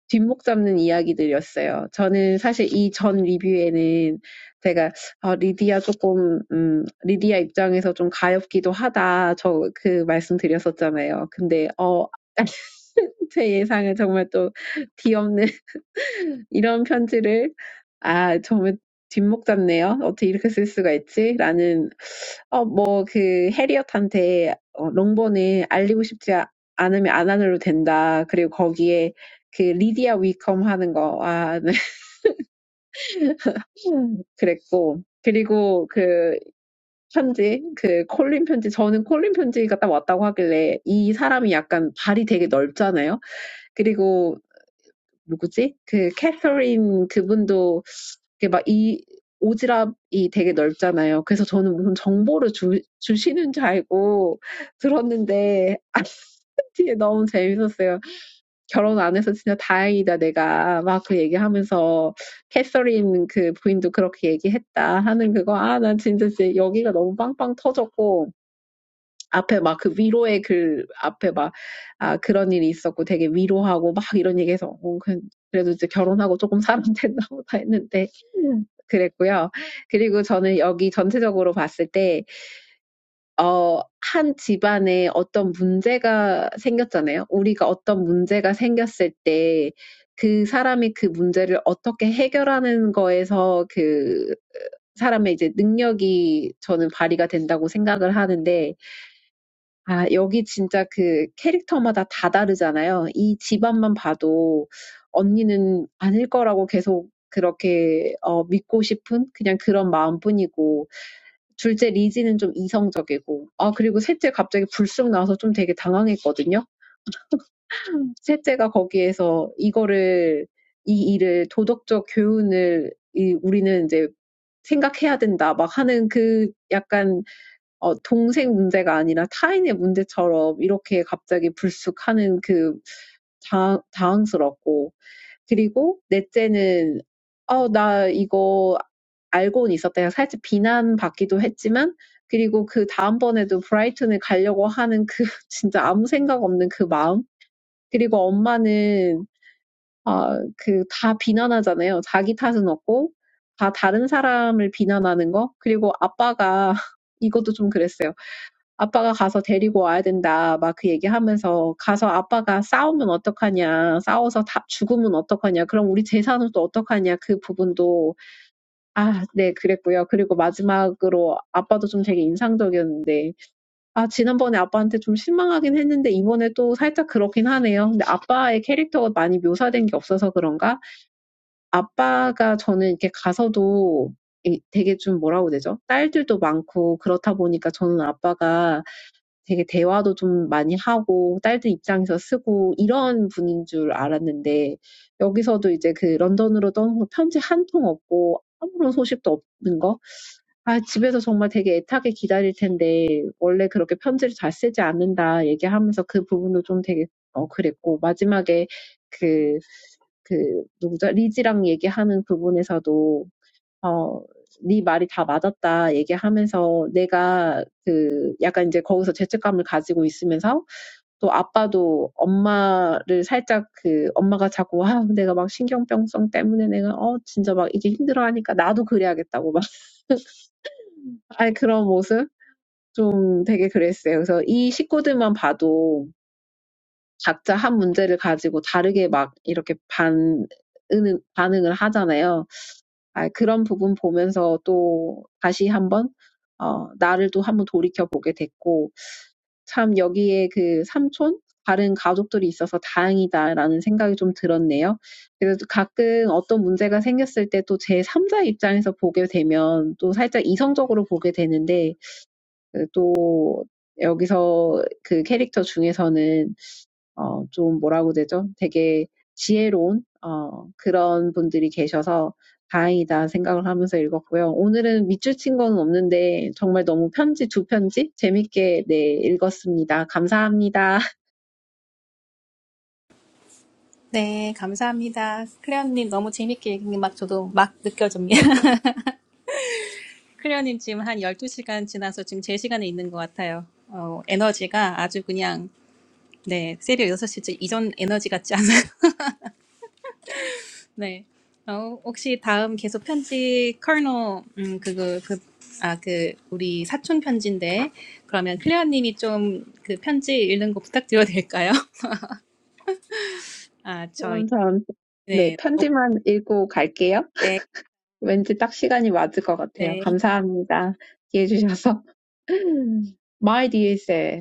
[SPEAKER 1] 뒷목 잡는 이야기들이었어요. 저는 사실 이전 리뷰에는 제가 아, 리디아 조금 음, 리디아 입장에서 좀 가엾기도 하다 저그 말씀드렸었잖아요. 근데 어 *laughs* 제 예상은 정말 또 뒤엎는 *laughs* 이런 편지를 아 정말 뒷목 잡네요. 어떻게 이렇게 쓸 수가 있지? 라는 어, 뭐, 그, 해리엇한테, 어, 롱보는 알리고 싶지 아- 않으면 안 알려도 된다. 그리고 거기에 그 리디아 위컴 하는 거, 아, 네. *laughs* 그랬고. 그리고 그 편지, 그 콜린 편지, 저는 콜린 편지가 딱 왔다고 하길래 이 사람이 약간 발이 되게 넓잖아요. 그리고 누구지? 그 캐서린 그분도 이게 막이 오지랖이 되게 넓잖아요. 그래서 저는 무슨 정보를 주, 주시는 줄 알고 들었는데 아, *laughs* 뒤에 너무 재밌었어요. 결혼 안 해서 진짜 다행이다 내가 막 그 얘기하면서 캐서린 그 부인도 그렇게 얘기했다 하는 그거 아 난 진짜 진짜 여기가 너무 빵빵 터졌고 앞에 막그 위로의 글 앞에 막 아, 그런 일이 있었고 되게 위로하고 막 이런 얘기해서 어, 그- 그래도 이제 결혼하고 조금 사람 됐나 보다 *laughs* 했는데 그랬고요. 그리고 저는 여기 전체적으로 봤을 때, 어, 한 집안에 어떤 문제가 생겼잖아요. 우리가 어떤 문제가 생겼을 때, 그 사람이 그 문제를 어떻게 해결하는 거에서 그 사람의 이제 능력이 저는 발휘가 된다고 생각을 하는데, 아, 여기 진짜 그 캐릭터마다 다 다르잖아요. 이 집안만 봐도 언니는 아닐 거라고 계속 그렇게 어, 믿고 싶은 그냥 그런 마음뿐이고, 둘째 리지는 좀 이성적이고, 아, 그리고 셋째 갑자기 불쑥 나와서 좀 되게 당황했거든요. 셋째가 거기에서 이거를, 이 일을 도덕적 교훈을 이, 우리는 이제 생각해야 된다, 막 하는 그 약간 어, 동생 문제가 아니라 타인의 문제처럼 이렇게 갑자기 불쑥하는 그 당, 당황스럽고. 그리고 넷째는, 어, 나 이거 알고는 있었다. 살짝 비난받기도 했지만, 그리고 그 다음번에도 브라이튼을 가려고 하는 그, *laughs* 진짜 아무 생각 없는 그 마음. 그리고 엄마는, 아, 그, 다 비난하잖아요. 자기 탓은 없고, 다 다른 사람을 비난하는 거. 그리고 아빠가, *laughs* 이것도 좀 그랬어요. 아빠가 가서 데리고 와야 된다. 막 막그 얘기하면서 가서 아빠가 싸우면 어떡하냐. 싸워서 다 죽으면 어떡하냐. 그럼 우리 재산은 또 어떡하냐. 그 부분도 아, 네, 그랬고요. 그리고 마지막으로 아빠도 좀 되게 인상적이었는데 아, 지난번에 아빠한테 좀 실망하긴 했는데 이번에 또 살짝 그렇긴 하네요. 근데 아빠의 캐릭터가 많이 묘사된 게 없어서 그런가? 아빠가 저는 이렇게 가서도 되게 좀 뭐라고 되죠? 딸들도 많고 그렇다 보니까 저는 아빠가 되게 대화도 좀 많이 하고 딸들 입장에서 쓰고 이런 분인 줄 알았는데 여기서도 이제 그 런던으로 떠난 편지 한 통 없고 아무런 소식도 없는 거. 아, 집에서 정말 되게 애타게 기다릴 텐데 원래 그렇게 편지를 잘 쓰지 않는다 얘기하면서 그 부분도 좀 되게 어 그랬고 마지막에 그 그 누구죠? 리지랑 얘기하는 부분에서도 어, 네 말이 다 맞았다 얘기하면서 내가 그 약간 이제 거기서 죄책감을 가지고 있으면서 또 아빠도 엄마를 살짝 그 엄마가 자꾸 아 내가 막 신경병성 때문에 내가 어 진짜 막 이게 힘들어하니까 나도 그래야겠다고 막 *laughs* 아니 그런 모습 좀 되게 그랬어요. 그래서 이 식구들만 봐도 각자 한 문제를 가지고 다르게 막 이렇게 반 반응을 하잖아요. 아, 그런 부분 보면서 또 다시 한번 어, 나를 또 한번 돌이켜 보게 됐고 참 여기에 그 삼촌 다른 가족들이 있어서 다행이다라는 생각이 좀 들었네요. 그래서 또 가끔 어떤 문제가 생겼을 때또제 3자 입장에서 보게 되면 또 살짝 이성적으로 보게 되는데 그또 여기서 그 캐릭터 중에서는 어, 좀 뭐라고 되죠? 되게 지혜로운, 어, 그런 분들이 계셔서 다행이다 생각을 하면서 읽었고요. 오늘은 밑줄 친 건 없는데 정말 너무 편지 두 편지 재밌게 네, 읽었습니다. 감사합니다. *laughs*
[SPEAKER 2] 네, 감사합니다. 클레어님 너무 재밌게 얘기 막 저도 막 느껴집니다. *laughs* 클레어님 지금 한 12시간 지나서 지금 제 시간에 있는 것 같아요. 어, 에너지가 아주 그냥 네, 새벽 6시쯤 이전 에너지 같지 않아요. 네. 어, 혹시 다음 계속 편지 커널 음 그거 그아그 우리 사촌 편지인데 그러면 클레어 님이 좀 그 편지 읽는 거 부탁드려도 될까요? *laughs* 아, 저희
[SPEAKER 1] 감사합니다. 네,
[SPEAKER 2] 네. 어,
[SPEAKER 1] 편지만 읽고 갈게요.
[SPEAKER 2] 네.
[SPEAKER 1] 왠지 딱 시간이 맞을 것 같아요.
[SPEAKER 2] 네.
[SPEAKER 1] 감사합니다. 이해해 주셔서. *laughs* My dear sir.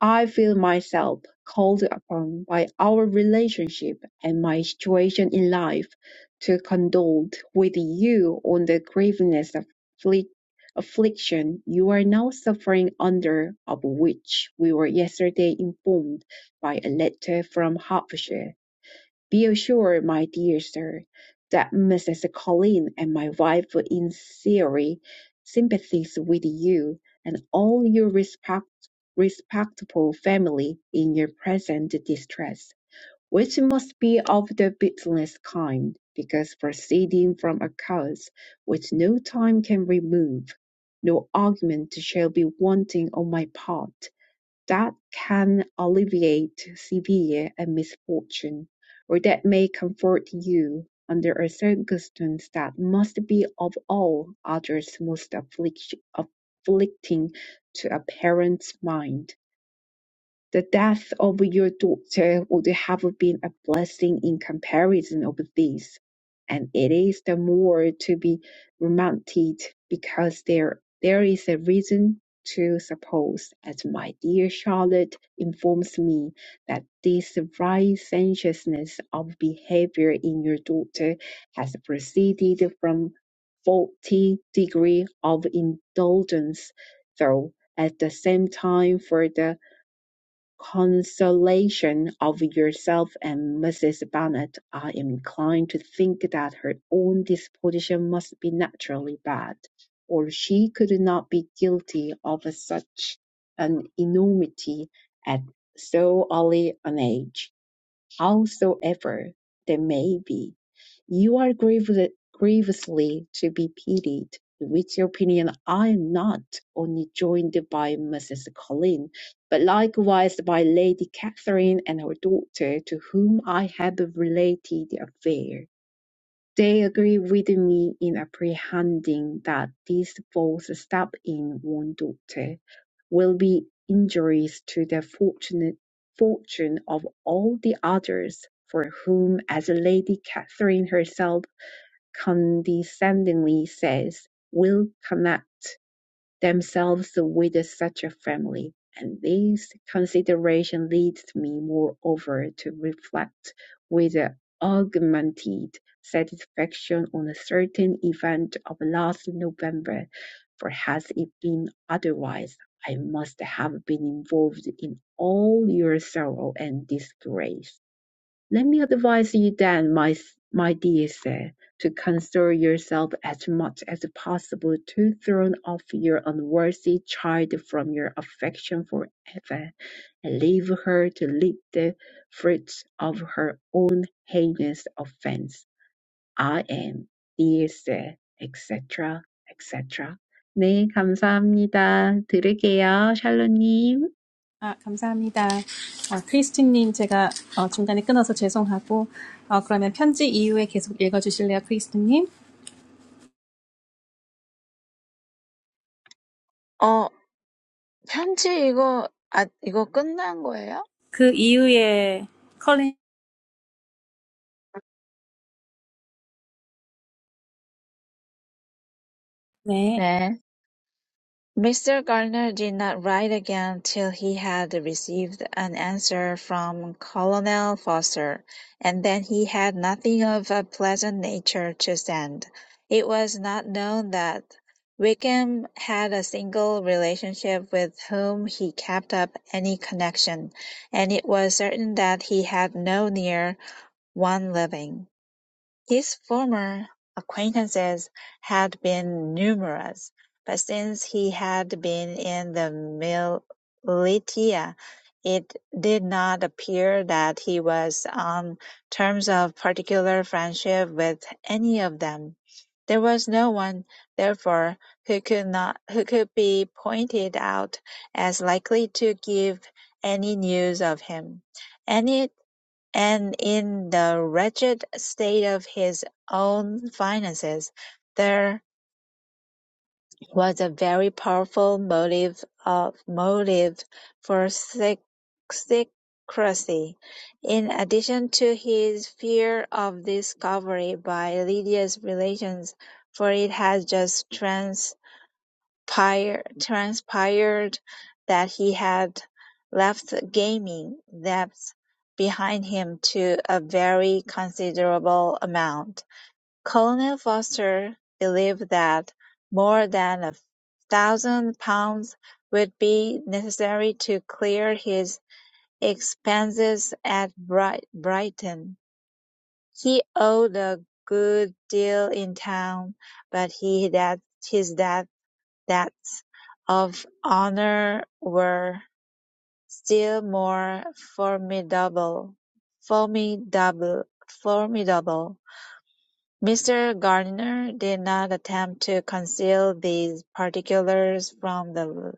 [SPEAKER 1] I feel myself called upon by our relationship and my situation in life to condole with you on the grievousness of afflic- affliction you are now suffering under, of which we were yesterday informed by a letter from Hertfordshire. Be assured, my dear sir, that Mrs. Colline and my wife were in sincerely sympathize with you and all your respect, respectable family in your present distress, which must be of the bitterest kind, because proceeding from a cause which no time can remove, no argument shall be wanting on my part that can alleviate severe a misfortune, or that may comfort you under a circumstance that must be of all others most afflict- afflicting to a parent's mind. The death of your daughter would have been a blessing in comparison of this, and it is the more to be lamented because there there is a reason to suppose, as my dear Charlotte informs me, that this licentiousness of behavior in your daughter has proceeded from faulty degree of indulgence, though at the same time for the Consolation of yourself and Mrs. Bennet I am inclined to think that her own disposition must be naturally bad, or she could not be guilty of such an enormity at so early an age, howsoever they may be. You are griev- grievously to be pitied. With your opinion, I am not only joined by Mrs. Colin, but likewise by Lady Catherine and her daughter, to whom I have related the affair. They agree with me in apprehending that this false step in one daughter will be injurious to the fortunate fortune of all the others, for whom, as Lady Catherine herself condescendingly says, will connect themselves with such a family. And this consideration leads me, moreover, to reflect with augmented satisfaction on a certain event of last November, for had it been otherwise, I must have been involved in all your sorrow and disgrace. Let me advise you then, my, my dear sir, to console yourself as much as possible to throw off your unworthy child from your affection forever, and leave her to reap the fruits of her own heinous offense. I am, dear sir, etc., etc. 네, 감사합니다. 들을게요, 샬로님.
[SPEAKER 2] 아, 감사합니다. 아, 크리스틴 님 제가 어, 중간에 끊어서 죄송하고 어, 그러면 편지 이후에 계속 읽어 주실래요, 크리스틴 님?
[SPEAKER 4] 어, 편지 이거, 아, 이거 끝난 거예요?
[SPEAKER 2] 그 이후에 컬린 네.
[SPEAKER 4] 네. Mr. Gardner did not write again till he had received an answer from Colonel Foster, and then he had nothing of a pleasant nature to send. It was not known that Wickham had a single relationship with whom he kept up any connection, and it was certain that he had no near one living. His former acquaintances had been numerous, but since he had been in the militia, it did not appear that he was on terms of particular friendship with any of them. There was no one, therefore, who could not who could be pointed out as likely to give any news of him. Any. And in the wretched state of his own finances, there was a very powerful motive of motive for secrecy. In addition to his fear of discovery by Lydia's relations, for it had just trans transpired that he had left gaming debts behind him to a very considerable amount. Colonel Foster believed that more than a thousand pounds would be necessary to clear his expenses at Brighton. He owed a good deal in town, but he that his debt. Debts of honor were still more formidable. formidable, formidable. Mr. Gardiner did not attempt to conceal these particulars from the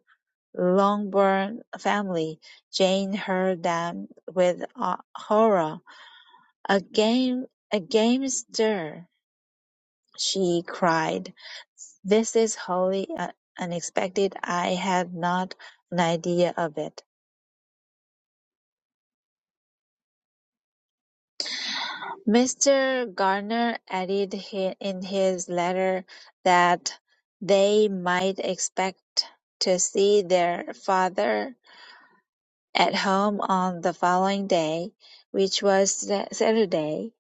[SPEAKER 4] Longbourn family. Jane heard them with uh, horror. A game, a game stir! She cried, "This is wholly uh, unexpected. I had not an idea of it." Mr. Gardner added hi- in his letter that they might expect to see their father at home on the following day, which was Sa- Saturday,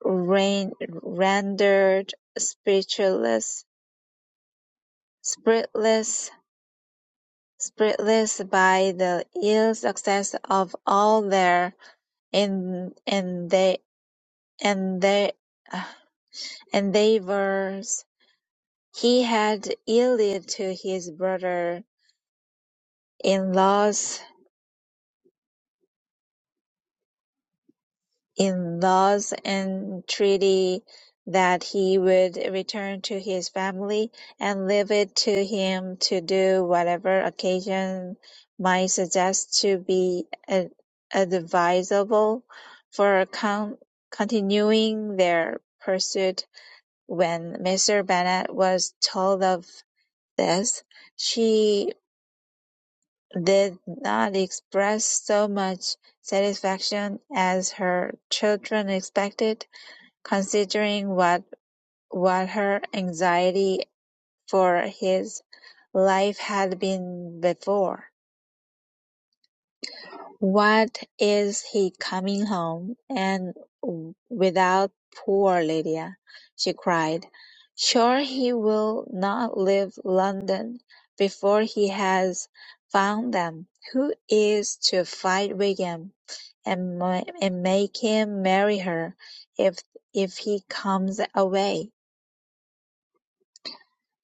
[SPEAKER 4] rain rendered spiritless, spiritless Spiritless by the ill success of all their endeavours, *sighs* he had yielded to his brother-in-law's in laws and treaty that he would return to his family and leave it to him to do whatever occasion might suggest to be ad- advisable for con- continuing their pursuit. When Mr. Bennet was told of this, she did not express so much satisfaction as her children expected Considering what what her anxiety for his life had been before, what is he coming home and without poor Lydia? she cried. Sure he will not leave London before he has found them. Who is to fight Wigan and, ma- and make him marry her if if he comes away?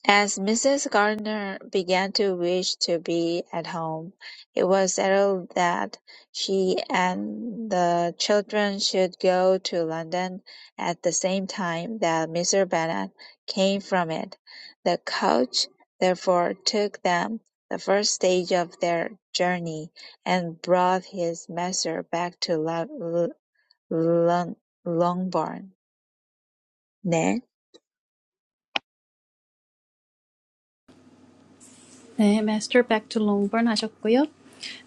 [SPEAKER 4] As Mrs. Gardiner began to wish to be at home, it was settled that she and the children should go to London at the same time that Mr. Bennet came from it. The coach therefore took them the first stage of their journey, and brought his master back to Lo- Lo- Longbourn. 네.
[SPEAKER 2] 네, 마스터 back to Longbourn 하셨고요.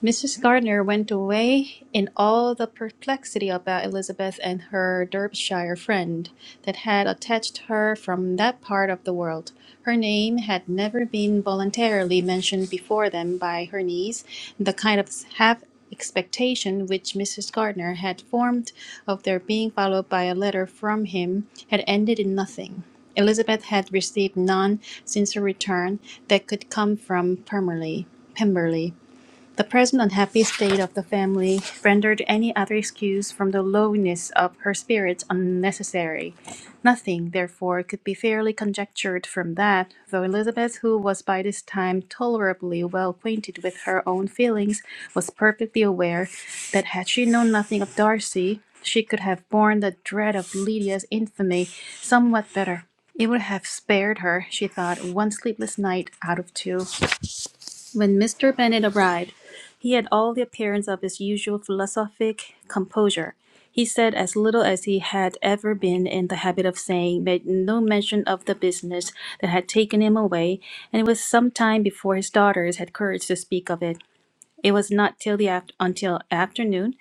[SPEAKER 2] Mrs. Gardner went away in all the perplexity about Elizabeth and her Derbyshire friend that had attached her from that part of the world. Her name had never been voluntarily mentioned before them by her niece, and the kind of half expectation which Mrs. Gardner had formed of their being followed by a letter from him had ended in nothing. Elizabeth had received none since her return that could come from Pemberley. Pemberley. The present unhappy state of the family rendered any other excuse from the lowness of her spirits unnecessary. Nothing, therefore, could be fairly conjectured from that, though Elizabeth, who was by this time tolerably well acquainted with her own feelings, was perfectly aware that had she known nothing of Darcy, she could have borne the dread of Lydia's infamy somewhat better. It would have spared her, she thought, one sleepless night out of two. When Mr. Bennet arrived, he had all the appearance of his usual philosophic composure. He said as little as he had ever been in the habit of saying, made no mention of the business that had taken him away, and it was some time before his daughters had courage to speak of it. It was not till the aft- until afternoon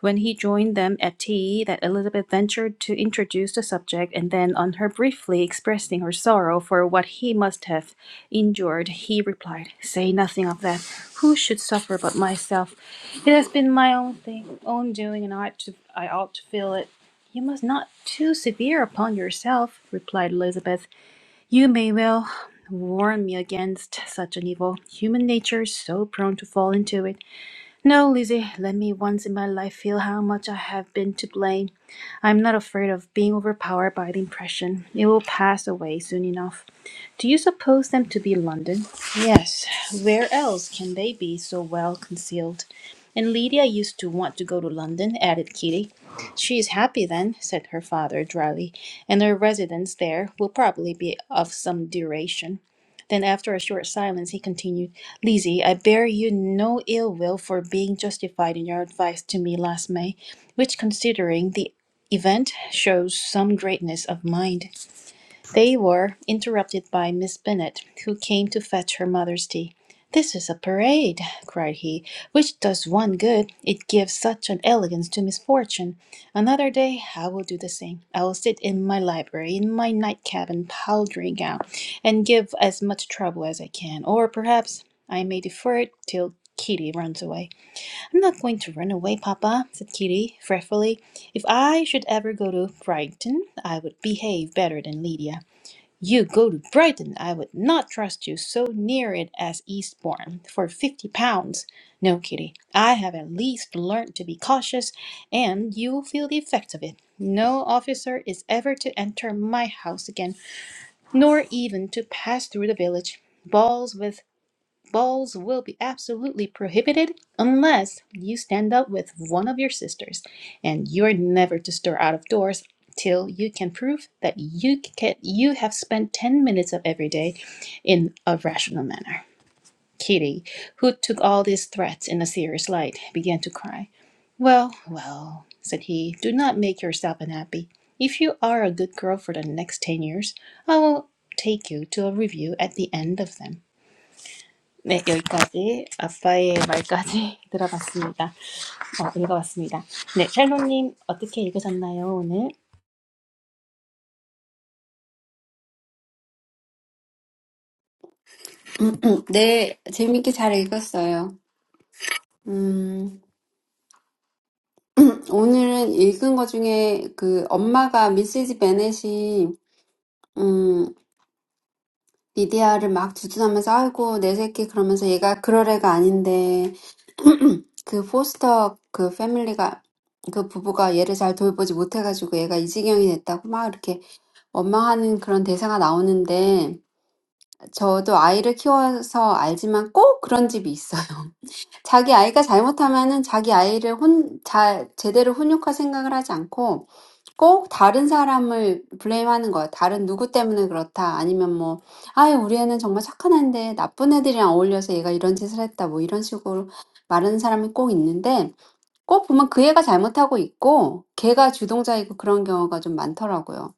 [SPEAKER 2] when he joined them at tea, that Elizabeth ventured to introduce the subject, and then, on her briefly expressing her sorrow for what he must have endured, he replied, "Say nothing of that. Who should suffer but myself? It has been my own thing, own doing, and I ought to, I ought to feel it." "You must not be too severe upon yourself," replied Elizabeth. "You may well warn me against such an evil. Human nature is so prone to fall into it. No, Lizzie, let me once in my life feel how much I have been to blame. I am not afraid of being overpowered by the impression. It will pass away soon enough. Do you suppose them to be London? Yes, where else can they be so well concealed? And Lydia used to want to go to London, added Kitty. She is happy then, said her father dryly, and her residence there will probably be of some duration. Then, after a short silence, he continued, Lizzie, I bear you no ill will for being justified in your advice to me last May, which, considering the event, shows some greatness of mind. They were interrupted by Miss Bennet, who came to fetch her mother's tea. "This is a parade," cried he, "which does one good, it gives such an elegance to misfortune. Another day I will do the same. I will sit in my library, in my nightcap and powdering gown, and give as much trouble as I can, or perhaps I may defer it till Kitty runs away. I'm not going to run away, papa, said Kitty, fretfully. If I should ever go to Brighton, I would behave better than Lydia. You go to Brighton. I would not trust you so near it as Eastbourne for fifty pounds. No, Kitty, I have at least learned to be cautious, and you'll feel the effects of it. No officer is ever to enter my house again, nor even to pass through the village. Balls with Balls will be absolutely prohibited unless you stand up with one of your sisters, and you are never to stir out of doors till you can prove that you can, you have spent 10 minutes of every day in a rational manner. Kitty, who took all these threats in a serious light, began to cry. Well, well, said he, do not make yourself unhappy. If you are a good girl for the next ten years, I will take you to a review at the end of them. 네, 여기까지 아빠의 말까지 *laughs* 들어봤습니다. 어, 읽어봤습니다. 네, 샬로님 어떻게 읽으셨나요, 오늘?
[SPEAKER 3] 네, 재밌게 잘 읽었어요. 음, 오늘은 읽은 것 중에 그 엄마가 미시즈 베넷이 음, 리디아를 막 두둔하면서 아이고 내 새끼 그러면서 얘가 그럴 애가 아닌데 그 포스터 그 패밀리가 그 부부가 얘를 잘 돌보지 못해가지고 얘가 이 지경이 됐다고 막 이렇게 원망하는 그런 대사가 나오는데 저도 아이를 키워서 알지만 꼭 그런 집이 있어요. *laughs* 자기 아이가 잘못하면은 자기 아이를 혼, 잘, 제대로 훈육할 생각을 하지 않고 꼭 다른 사람을 블레임하는 거예요. 다른 누구 때문에 그렇다. 아니면 뭐, 아유, 우리 애는 정말 착한 애인데 나쁜 애들이랑 어울려서 얘가 이런 짓을 했다. 뭐 이런 식으로 말하는 사람이 꼭 있는데 꼭 보면 그 애가 잘못하고 있고 걔가 주동자이고 그런 경우가 좀 많더라고요.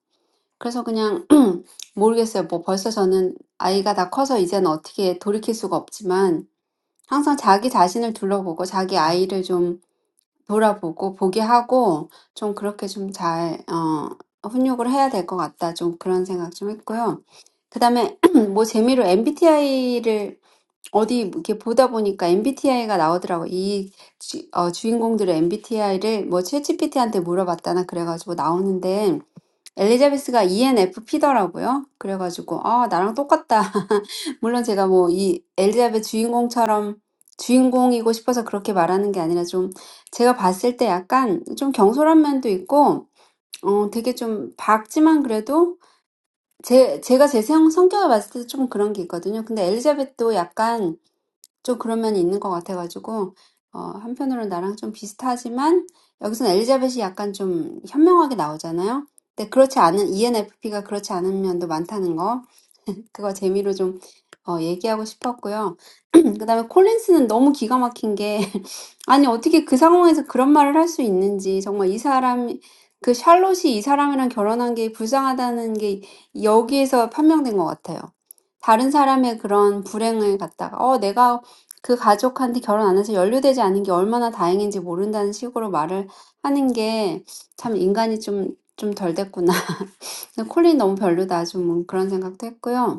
[SPEAKER 3] 그래서 그냥 *clears throat* 모르겠어요. 뭐 벌써 저는 아이가 다 커서 이제는 어떻게 돌이킬 수가 없지만 항상 자기 자신을 둘러보고 자기 아이를 좀 돌아보고 보게 하고 좀 그렇게 좀 잘, 어, 훈육을 해야 될것 같다. 좀 그런 생각 좀 했고요. 그다음에 *clears throat* 뭐 재미로 MBTI를 어디 이렇게 보다 보니까 MBTI가 나오더라고요. 이 주, 어, 주인공들의 MBTI를 뭐 챗GPT한테 물어봤다나 그래가지고 나오는데 엘리자베스가 ENFP더라고요. 그래가지고, 아, 나랑 똑같다. *laughs* 물론 제가 뭐, 이 엘리자베스 주인공처럼 주인공이고 싶어서 그렇게 말하는 게 아니라 좀, 제가 봤을 때 약간 좀 경솔한 면도 있고, 어, 되게 좀 밝지만 그래도, 제, 제가 제 성, 성격을 봤을 때 좀 그런 게 있거든요. 근데 엘리자벳도 약간 좀 그런 면이 있는 것 같아가지고, 어, 한편으로는 나랑 좀 비슷하지만, 여기서는 엘리자벳이 약간 좀 현명하게 나오잖아요. 근데 그렇지 않은, ENFP가 그렇지 않은 면도 많다는 거. 그거 재미로 좀 어, 얘기하고 싶었고요. *clears throat* 그다음에 콜린스는 너무 기가 막힌 게 *laughs* 아니 어떻게 그 상황에서 그런 말을 할수 있는지 정말 이 사람 그 샬롯이 이 사람이랑 결혼한 게 불쌍하다는 게 여기에서 판명된 것 같아요. 다른 사람의 그런 불행을 갖다가 어 내가 그 가족한테 결혼 안 해서 연루되지 않은 게 얼마나 다행인지 모른다는 식으로 말을 하는 게참 인간이 좀 좀덜 됐구나. *laughs* 콜린 너무 별로다. 좀 그런 생각도 했고요.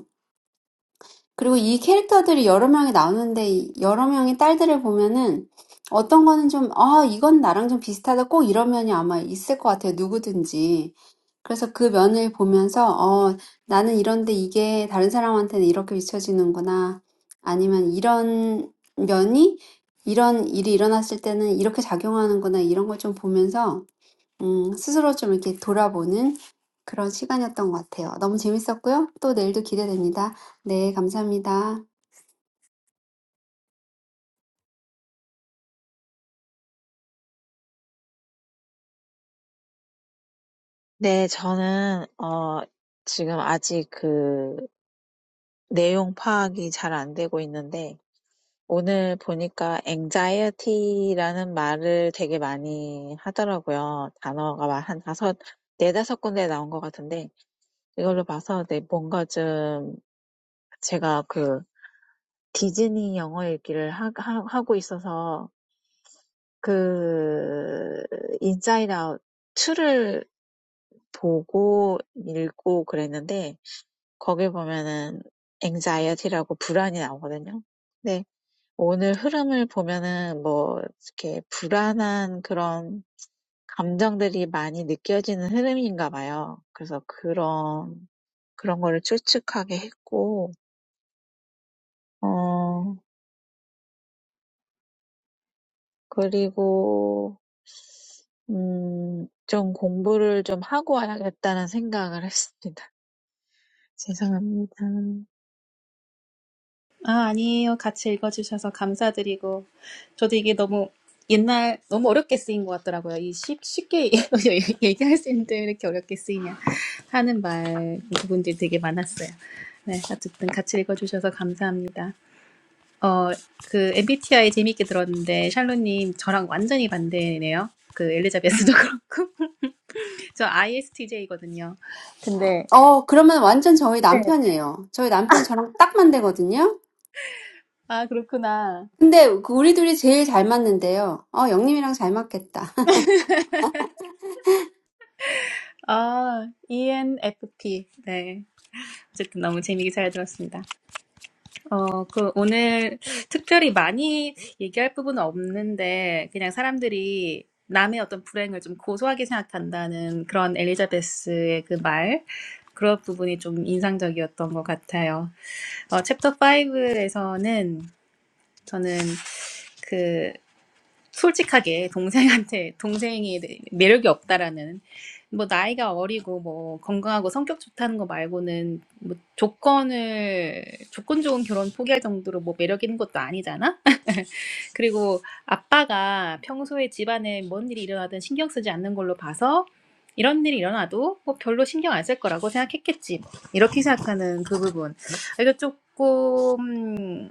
[SPEAKER 3] 그리고 이 캐릭터들이 여러 명이 나오는데 이 여러 명의 딸들을 보면은 어떤 거는 좀, 아, 이건 나랑 좀 비슷하다. 꼭 이런 면이 아마 있을 것 같아요. 누구든지. 그래서 그 면을 보면서, 어, 나는 이런데 이게 다른 사람한테는 이렇게 비춰지는구나. 아니면 이런 면이 이런 일이 일어났을 때는 이렇게 작용하는구나. 이런 걸좀 보면서 음, 스스로 좀 이렇게 돌아보는 그런 시간이었던 것 같아요. 너무 재밌었고요. 또 내일도 기대됩니다. 네, 감사합니다.
[SPEAKER 4] 네, 저는 어 지금 아직 그 내용 파악이 잘안 되고 있는데 오늘 보니까 anxiety라는 말을 되게 많이 하더라고요. 단어가 막한 다섯, 네다섯 군데 나온 것 같은데 이걸로 봐서 네, 뭔가 좀 제가 그 디즈니 영어 읽기를 하, 하, 하고 있어서 그 인사이드 아웃 2를 보고 읽고 그랬는데 거기 보면은 anxiety라고 불안이 나오거든요. 근데 오늘 흐름을 보면은 뭐 이렇게 불안한 그런 감정들이 많이 느껴지는 흐름인가 봐요. 그래서 그런 그런 거를 추측하게 했고 어 그리고 음, 좀 공부를 좀 하고 와야겠다는 생각을 했습니다. *laughs* 죄송합니다.
[SPEAKER 2] 아, 아니에요. 같이 읽어주셔서 감사드리고. 저도 이게 너무 옛날, 너무 어렵게 쓰인 것 같더라고요. 이 쉽, 쉽게 *laughs* 얘기할 수 있는데 왜 이렇게 어렵게 쓰이냐 하는 말 부분들이 되게 많았어요. 네, 어쨌든 같이 읽어주셔서 감사합니다. 어, 그 MBTI 재밌게 들었는데 샬로님 저랑 완전히 반대네요. 그 엘리자베스도 *laughs* 그렇고. 저 ISTJ거든요. 근데
[SPEAKER 3] 어, 그러면 완전 저희
[SPEAKER 2] 네.
[SPEAKER 3] 남편이에요. 저희 남편이 저랑 딱 맞대거든요.
[SPEAKER 2] 아 그렇구나.
[SPEAKER 3] 근데 그 우리 둘이 제일 잘 맞는데요. 어, 영님이랑 잘 맞겠다.
[SPEAKER 2] 아 ENFP. 네. 어쨌든 너무 재미있게 잘 들었습니다. 어, 그 오늘 특별히 많이 얘기할 부분은 없는데 그냥 사람들이 남의 어떤 불행을 좀 고소하게 생각한다는 그런 엘리자베스의 그 말, 그런 부분이 좀 인상적이었던 것 같아요. 어, 챕터 5에서는 저는 그 솔직하게 동생한테 동생이 매력이 없다라는 뭐 나이가 어리고 뭐 건강하고 성격 좋다는 거 말고는 뭐 조건을 조건 좋은 결혼 포기할 정도로 뭐 매력 있는 것도 아니잖아. *laughs* 그리고 아빠가 평소에 집안에 뭔 일이 일어나든 신경 쓰지 않는 걸로 봐서 이런 일이 일어나도 뭐 별로 신경 안 쓸 거라고 생각했겠지. 뭐 이렇게 생각하는 그 부분. 이거 조금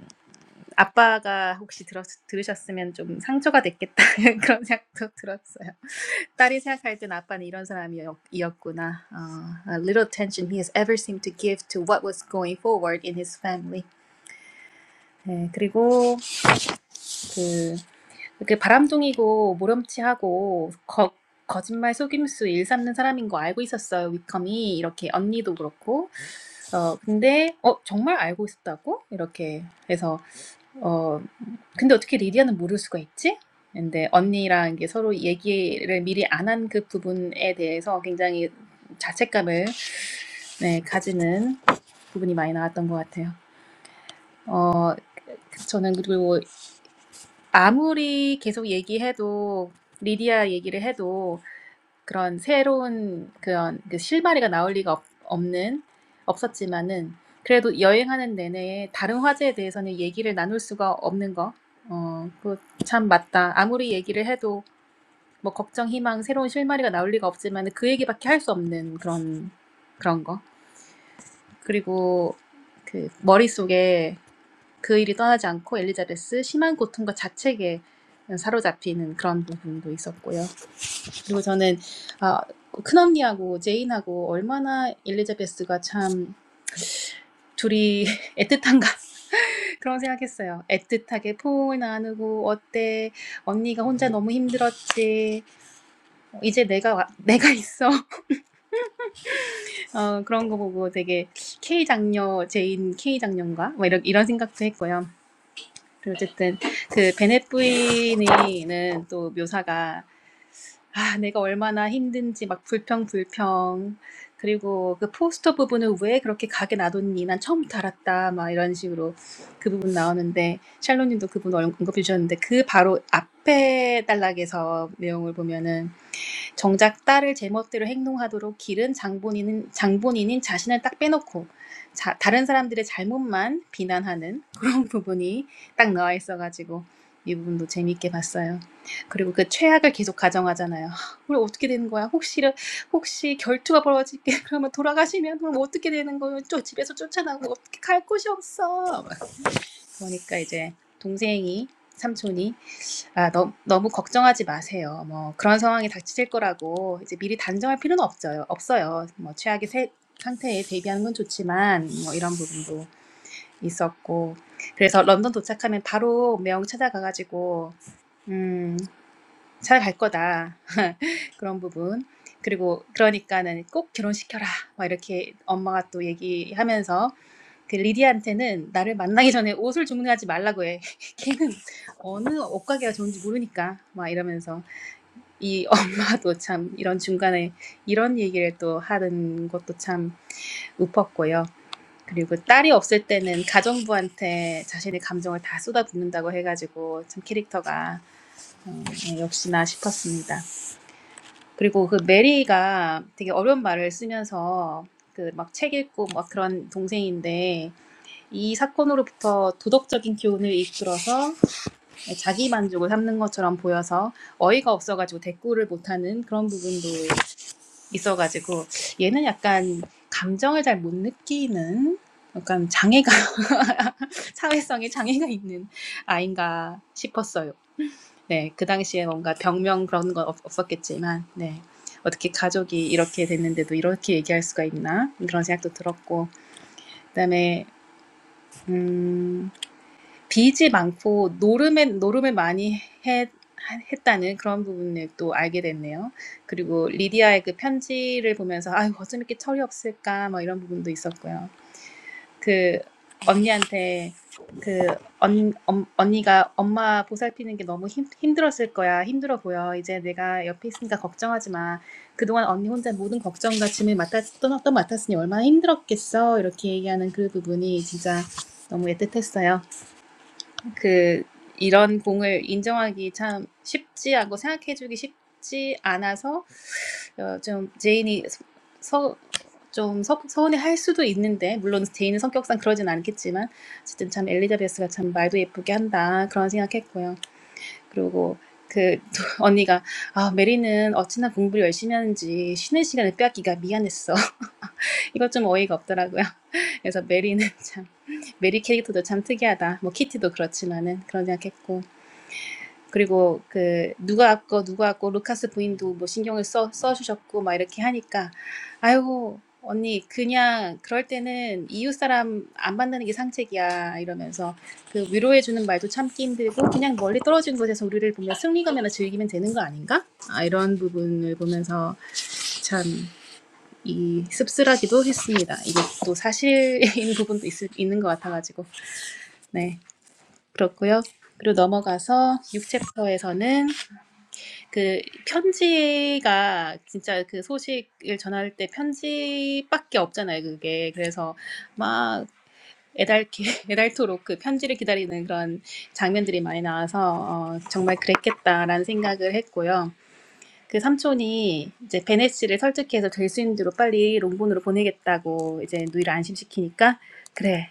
[SPEAKER 2] 아빠가 혹시 들었, 들으셨으면 좀 상처가 됐겠다 *laughs* 그런 생각도 들었어요. 딸이 생각할 땐 아빠는 이런 사람이었구나. 어, a little attention he has ever seemed to give to what was going forward in his family. 네, 그리고 그 이렇게 바람둥이고 모렴치하고 거, 거짓말 속임수 일삼는 사람인 거 알고 있었어요. 위컴이 이렇게 언니도 그렇고. 어 근데 어 정말 알고 있었다고 이렇게 해서 어, 근데 어떻게 리디아는 모를 수가 있지? 근데 언니랑 이게 서로 얘기를 미리 안 한 그 부분에 대해서 굉장히 자책감을 네, 가지는 부분이 많이 나왔던 것 같아요. 저는 그리고 아무리 계속 얘기해도 리디아 얘기를 해도 그런 새로운 그런 그 실마리가 나올 리가 없, 없는 없었지만은 그래도 여행하는 내내 다른 화제에 대해서는 얘기를 나눌 수가 없는 거. 어, 그거 참 맞다. 아무리 얘기를 해도 뭐 걱정, 희망, 새로운 실마리가 나올 리가 없지만 그 얘기밖에 할 수 없는 그런 그런 거. 그리고 그 머릿속에 그 일이 떠나지 않고 엘리자베스 심한 고통과 자책에 사로잡히는 그런 부분도 있었고요. 그리고 저는 아, 큰언니하고 제인하고 얼마나 엘리자베스가 참 둘이 애틋한가 *laughs* 그런 생각했어요. 애틋하게 포옹을 나누고 어때 언니가 혼자 너무 힘들었지 어, 이제 내가 와- 내가 있어 어, 그런 거 보고 되게 K 장녀 제인 K 장녀인가? 뭐 이런 이런 생각도 했고요. 그리고 어쨌든 그 베넷 부인이는 또 묘사가 아 내가 얼마나 힘든지 막 불평 불평 그리고 그 포스터 부분을 왜 그렇게 가게 놔뒀니? 난 처음부터 알았다 막 이런 식으로 그 부분 나오는데 샬롯님도그 부분 언급해 주셨는데 그 바로 앞에 단락에서 내용을 보면은 정작 딸을 제멋대로 행동하도록 기른 장본인은 장본인인 자신을 딱 빼놓고 자, 다른 사람들의 잘못만 비난하는 그런 *laughs* 부분이 딱 나와 있어가지고 이 부분도 재미있게 봤어요. 그리고 그 최악을 계속 가정하잖아요. 우리 어떻게 되는 거야? 혹시 혹시 결투가 벌어지게 *laughs* 그러면 돌아가시면 그럼 어떻게 되는 거예요? 저 집에서 쫓아나고 어떻게 갈 곳이 없어. 막 그러니까 이제 동생이 삼촌이 아, 너, 너무 걱정하지 마세요. 뭐 그런 상황이 닥칠 거라고 이제 미리 단정할 필요는 없어요. 없어요. 뭐 최악의 세- 상태에 대비하는 건 좋지만 뭐 이런 부분도 있었고 그래서 런던 도착하면 바로 명 찾아가가지고 음 찾아갈 거다 그런 부분 그리고 그러니까는 꼭 결혼시켜라 막 이렇게 엄마가 또 얘기하면서 그 리디한테는 나를 만나기 전에 옷을 주문하지 말라고 해 *laughs* 걔는 어느 옷가게가 좋은지 모르니까 막 이러면서 이 엄마도 참 이런 중간에 이런 얘기를 또 하는 것도 참 웃었고요. 그리고 딸이 없을 때는 가정부한테 자신의 감정을 다 쏟아붓는다고 해가지고 참 캐릭터가 어, 역시나 싶었습니다. 그리고 그 메리가 되게 어려운 말을 쓰면서 그 막 책 읽고 막 그런 동생인데 이 사건으로부터 도덕적인 교훈을 이끌어서 자기 만족을 삼는 것처럼 보여서 어이가 없어가지고 대꾸를 못하는 그런 부분도 있어가지고 얘는 약간 감정을 잘 못 느끼는 약간 장애가 *laughs* 사회성에 장애가 있는 아인가 싶었어요. 네, 그 당시에 뭔가 병명 그런 건 없, 없었겠지만, 네. 어떻게 가족이 이렇게 됐는데도 이렇게 얘기할 수가 있나? 그런 생각도 들었고, 그 다음에, 음, 빚이 많고 노름에 노름을 많이 해 했다는 그런 부분을 또 알게 됐네요. 그리고 리디아의 그 편지를 보면서 아유 어쩜 이렇게 철이 없을까 뭐 이런 부분도 있었고요. 그 언니한테 그 언, 엄, 언니가 엄마 보살피는 게 너무 힘, 힘들었을 거야 힘들어 보여 이제 내가 옆에 있으니까 걱정하지 마 그동안 언니 혼자 모든 걱정과 짐을 맡았 또, 또 맡았으니 얼마나 힘들었겠어 이렇게 얘기하는 그 부분이 진짜 너무 애틋했어요. 그 이런 공을 인정하기 참 쉽지 않고 생각해주기 쉽지 않아서 어, 좀 제인이 서, 좀 서, 서운해 할 수도 있는데 물론 제인은 성격상 그러진 않겠지만 어쨌든 참 엘리자베스가 참 말도 예쁘게 한다 그런 생각했고요. 그리고 그 *laughs* 또 언니가 아 메리는 어찌나 공부를 열심히 하는지 쉬는 시간에 빼앗기가 미안했어. *laughs* 이것 좀 어이가 없더라고요. *laughs* 그래서 메리는 참 메리 캐릭터도 참 특이하다. 뭐 키티도 그렇지만은 그런 생각했고 그리고 그 누가 아까 누가 아까 루카스 부인도 뭐 신경을 써 써주셨고 막 이렇게 하니까 아이고 언니 그냥 그럴 때는 이웃 사람 안 만나는 게 상책이야 이러면서 그 위로해 주는 말도 참기 힘들고 그냥 멀리 떨어진 곳에서 우리를 보며 승리감이나 즐기면 되는 거 아닌가? 아 이런 부분을 보면서 참 이 씁쓸하기도 했습니다. 이게 또 사실인 *laughs* 부분도 있을, 있는 것 같아가지고 네 그렇고요. 그리고 넘어가서 6챕터에서는 그 편지가 진짜 그 소식을 전할 때 편지밖에 없잖아요, 그게. 그래서 막 애달게 *laughs* 애달토록 그 편지를 기다리는 그런 장면들이 많이 나와서 어, 정말 그랬겠다라는 생각을 했고요. 그 삼촌이 이제 베네 씨를 설득해서 될 수 있는 대로 빨리 롱본으로 보내겠다고 이제 누이를 안심시키니까 그래.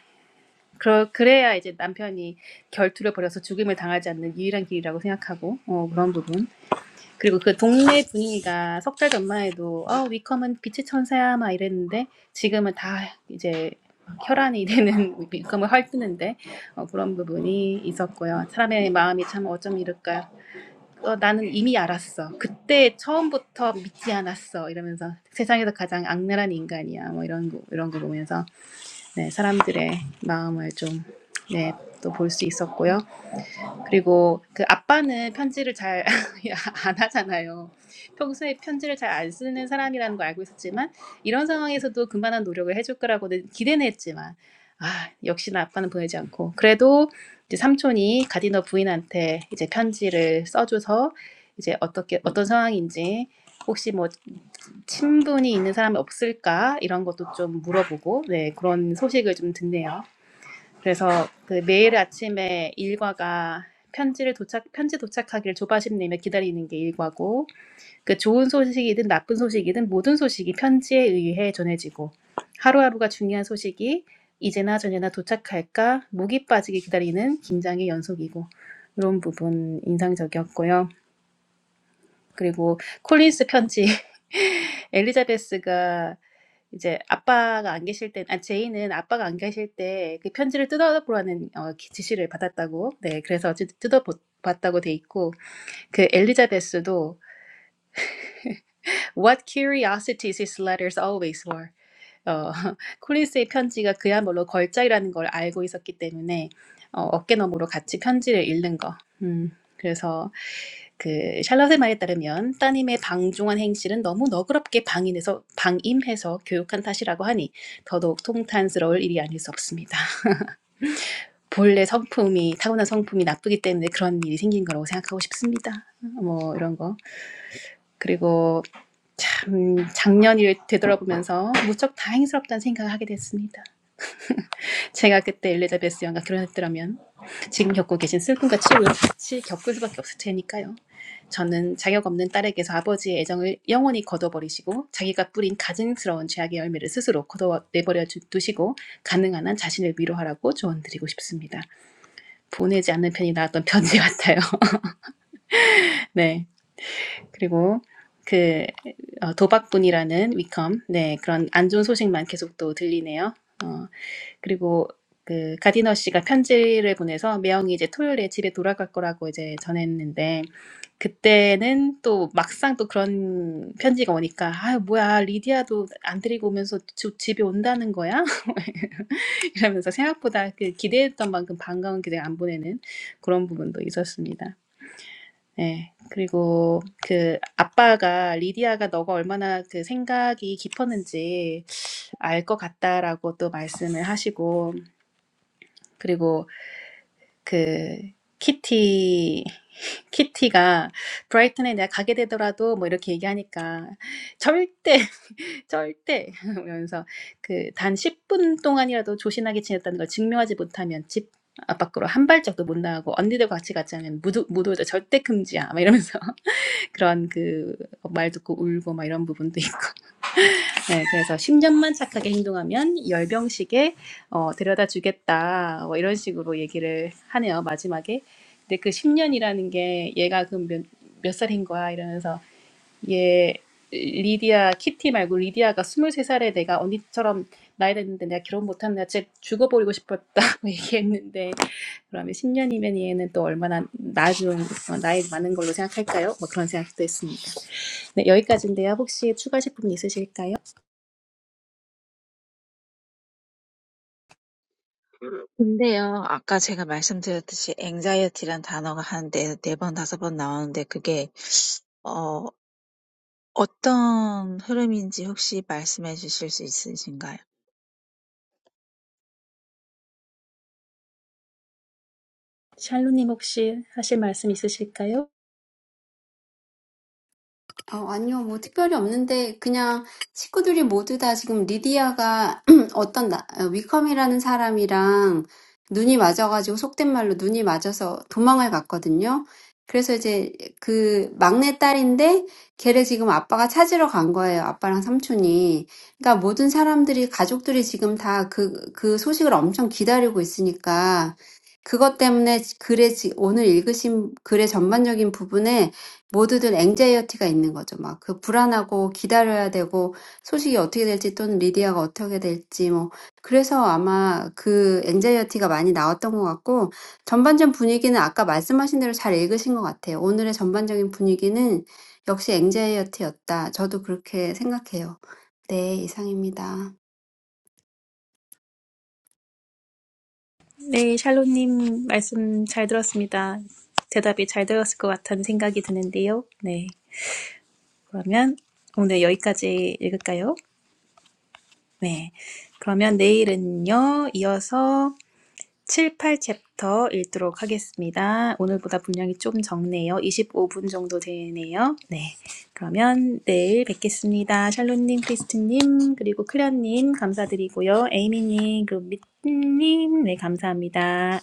[SPEAKER 2] 그러, 그래야 이제 남편이 결투를 벌여서 죽임을 당하지 않는 유일한 길이라고 생각하고 어, 그런 부분. 그리고 그 동네 분위기가 석 달 전만 해도 어 위컴은 빛의 천사야 막 이랬는데 지금은 다 이제 혈안이 되는 *laughs* 위컴을 헐뜯는데 어, 그런 부분이 있었고요. 사람의 마음이 참 어쩜 이럴까요? 어, 나는 이미 알았어. 그때 처음부터 믿지 않았어. 이러면서 세상에서 가장 악랄한 인간이야. 뭐 이런 거 이런 거 보면서 네, 사람들의 마음을 좀 네, 또 볼 수 있었고요. 그리고 그 아빠는 편지를 잘 안 *laughs* 하잖아요. 평소에 편지를 잘 안 쓰는 사람이라는 걸 알고 있었지만 이런 상황에서도 그만한 노력을 해줄 거라고는 기대는 했지만 아 역시나 아빠는 보내지 않고 그래도 이제 삼촌이 가디너 부인한테 이제 편지를 써줘서 이제 어떻게 어떤 상황인지 혹시 뭐 친분이 있는 사람이 없을까 이런 것도 좀 물어보고 네 그런 소식을 좀 듣네요. 그래서 그 매일 아침에 일과가 편지를 도착 편지 도착하기를 조바심내며 기다리는 게 일과고 그 좋은 소식이든 나쁜 소식이든 모든 소식이 편지에 의해 전해지고 하루하루가 중요한 소식이 이제나 저제나 도착할까 목이 빠지게 기다리는 긴장의 연속이고 이런 부분 인상적이었고요. 그리고 콜린스 편지 *laughs* 엘리자베스가 이제 아빠가 안 계실 때아 제이는 아빠가 안 계실 때 그 편지를 뜯어보라는 어 기- 지시를 받았다고. 네. 그래서 뜯- 뜯어봤다고 돼 있고 그 엘리자베스도 What curiosities his letters always were. 어 *laughs* 콜린스의 편지가 그야말로 걸작이라는 걸 알고 있었기 때문에 어, 어깨너머로 같이 편지를 읽는 거. 음, 그래서 그 샬럿의 말에 따르면 따님의 방종한 행실은 너무 너그럽게 방임해서 방임해서 교육한 탓이라고 하니 더더욱 통탄스러울 일이 아닐 수 없습니다. 본래 성품이 타고난 성품이 나쁘기 때문에 그런 일이 생긴 거라고 생각하고 싶습니다. 뭐 이런 거 그리고 참 작년 일을 되돌아보면서 무척 다행스럽다는 생각을 하게 됐습니다. 제가 그때 엘리자베스 여왕과 결혼했더라면 지금 겪고 계신 슬픔과 치욕을 같이 겪을 수밖에 없을 테니까요. 저는 자격 없는 딸에게서 아버지의 애정을 영원히 거둬버리시고 자기가 뿌린 가증스러운 죄악의 열매를 스스로 거둬내버려 주- 두시고 가능한 한 자신을 위로하라고 조언드리고 싶습니다. 보내지 않는 편이 나왔던 편지 같아요. *laughs* 네. 그리고 그 어, 도박꾼이라는 위컴 네 그런 안 좋은 소식만 계속 또 들리네요. 어, 그리고 그 가디너 씨가 편지를 보내서 매형이 이제 토요일에 집에 돌아갈 거라고 이제 전했는데 그때는 또 막상 또 그런 편지가 오니까 아 뭐야 리디아도 안 데리고 오면서 주, 집에 온다는 거야? *laughs* 이러면서 생각보다 그 기대했던 만큼 반가운 기대가 안 보내는 그런 부분도 있었습니다. 네. 그리고 그 아빠가 리디아가 너가 얼마나 그 생각이 깊었는지 알 것 같다라고 또 말씀을 하시고 그리고 그 키티 키티가 브라이튼에 내가 가게 되더라도 뭐 이렇게 얘기하니까 절대 *laughs* 절대 *laughs* 그러면서 그단 10분 동안이라도 조신하게 지냈다는 걸 증명하지 못하면 집 앞밖으로 한 발짝도 못 나가고 언니들과 같이 가지 않으면 무도 무도자 절대 금지야 막 이러면서 *laughs* 그런 그 말 듣고 울고 막 이런 부분도 있고 네, 그래서 10년만 착하게 행동하면 열병식에 어, 데려다 주겠다. 뭐 이런 식으로 얘기를 하네요, 마지막에. 근데 그 10년이라는 게 얘가 그 몇, 몇 살인 거야? 이러면서 얘 리디아, 키티 말고 리디아가 23살에 내가 언니처럼 나이 됐는데 내가 결혼 못하면 내가 진짜 죽어버리고 싶었다고 *laughs* 얘기했는데 그러면 10년이면 얘는 또 얼마나 나중, 어, 나이 많은 걸로 생각할까요? 뭐 그런 생각도 했습니다. 네, 여기까지인데요. 혹시 추가하실 부분 있으실까요?
[SPEAKER 4] 근데요, 아까 제가 말씀드렸듯이 anxiety란 단어가 한 네, 네 번, 다섯 번 나오는데 그게, 어, 어떤 흐름인지 혹시 말씀해 주실 수 있으신가요?
[SPEAKER 2] 샬로님 혹시 하실 말씀 있으실까요?
[SPEAKER 3] 어, 아니요, 뭐 특별히 없는데 그냥 식구들이 모두 다 지금 리디아가 *clears throat* 어떤 나, 어, 위컴이라는 사람이랑 눈이 맞아가지고 속된 말로 눈이 맞아서 도망을 갔거든요. 그래서 이제 그 막내 딸인데 걔를 지금 아빠가 찾으러 간 거예요. 아빠랑 삼촌이. 그러니까 모든 사람들이 가족들이 지금 다 그, 그 소식을 엄청 기다리고 있으니까 그것 때문에 글에 지- 오늘 읽으신 글의 전반적인 부분에 모두들 앵자이어티가 있는 거죠. 막 그 불안하고 기다려야 되고 소식이 어떻게 될지 또는 리디아가 어떻게 될지 뭐 그래서 아마 그 앵자이어티가 많이 나왔던 것 같고 전반전 분위기는 아까 말씀하신 대로 잘 읽으신 것 같아요. 오늘의 전반적인 분위기는 역시 앵자이어티였다. 저도 그렇게 생각해요. 네, 이상입니다.
[SPEAKER 2] 네, 샬로님 말씀 잘 들었습니다. 대답이 잘 들었을 것 같다는 생각이 드는데요. 네, 그러면 오늘 여기까지 읽을까요? 네, 그러면 내일은요, 이어서 7, 8챕터 읽도록 하겠습니다. 오늘보다 분량이 좀 적네요. 25분 정도 되네요. 네. 그러면 내일 뵙겠습니다. 샬론님, 크리스틴님, 그리고 클련님 감사드리고요. 에이미님, 그리고 미트님, 네, 감사합니다.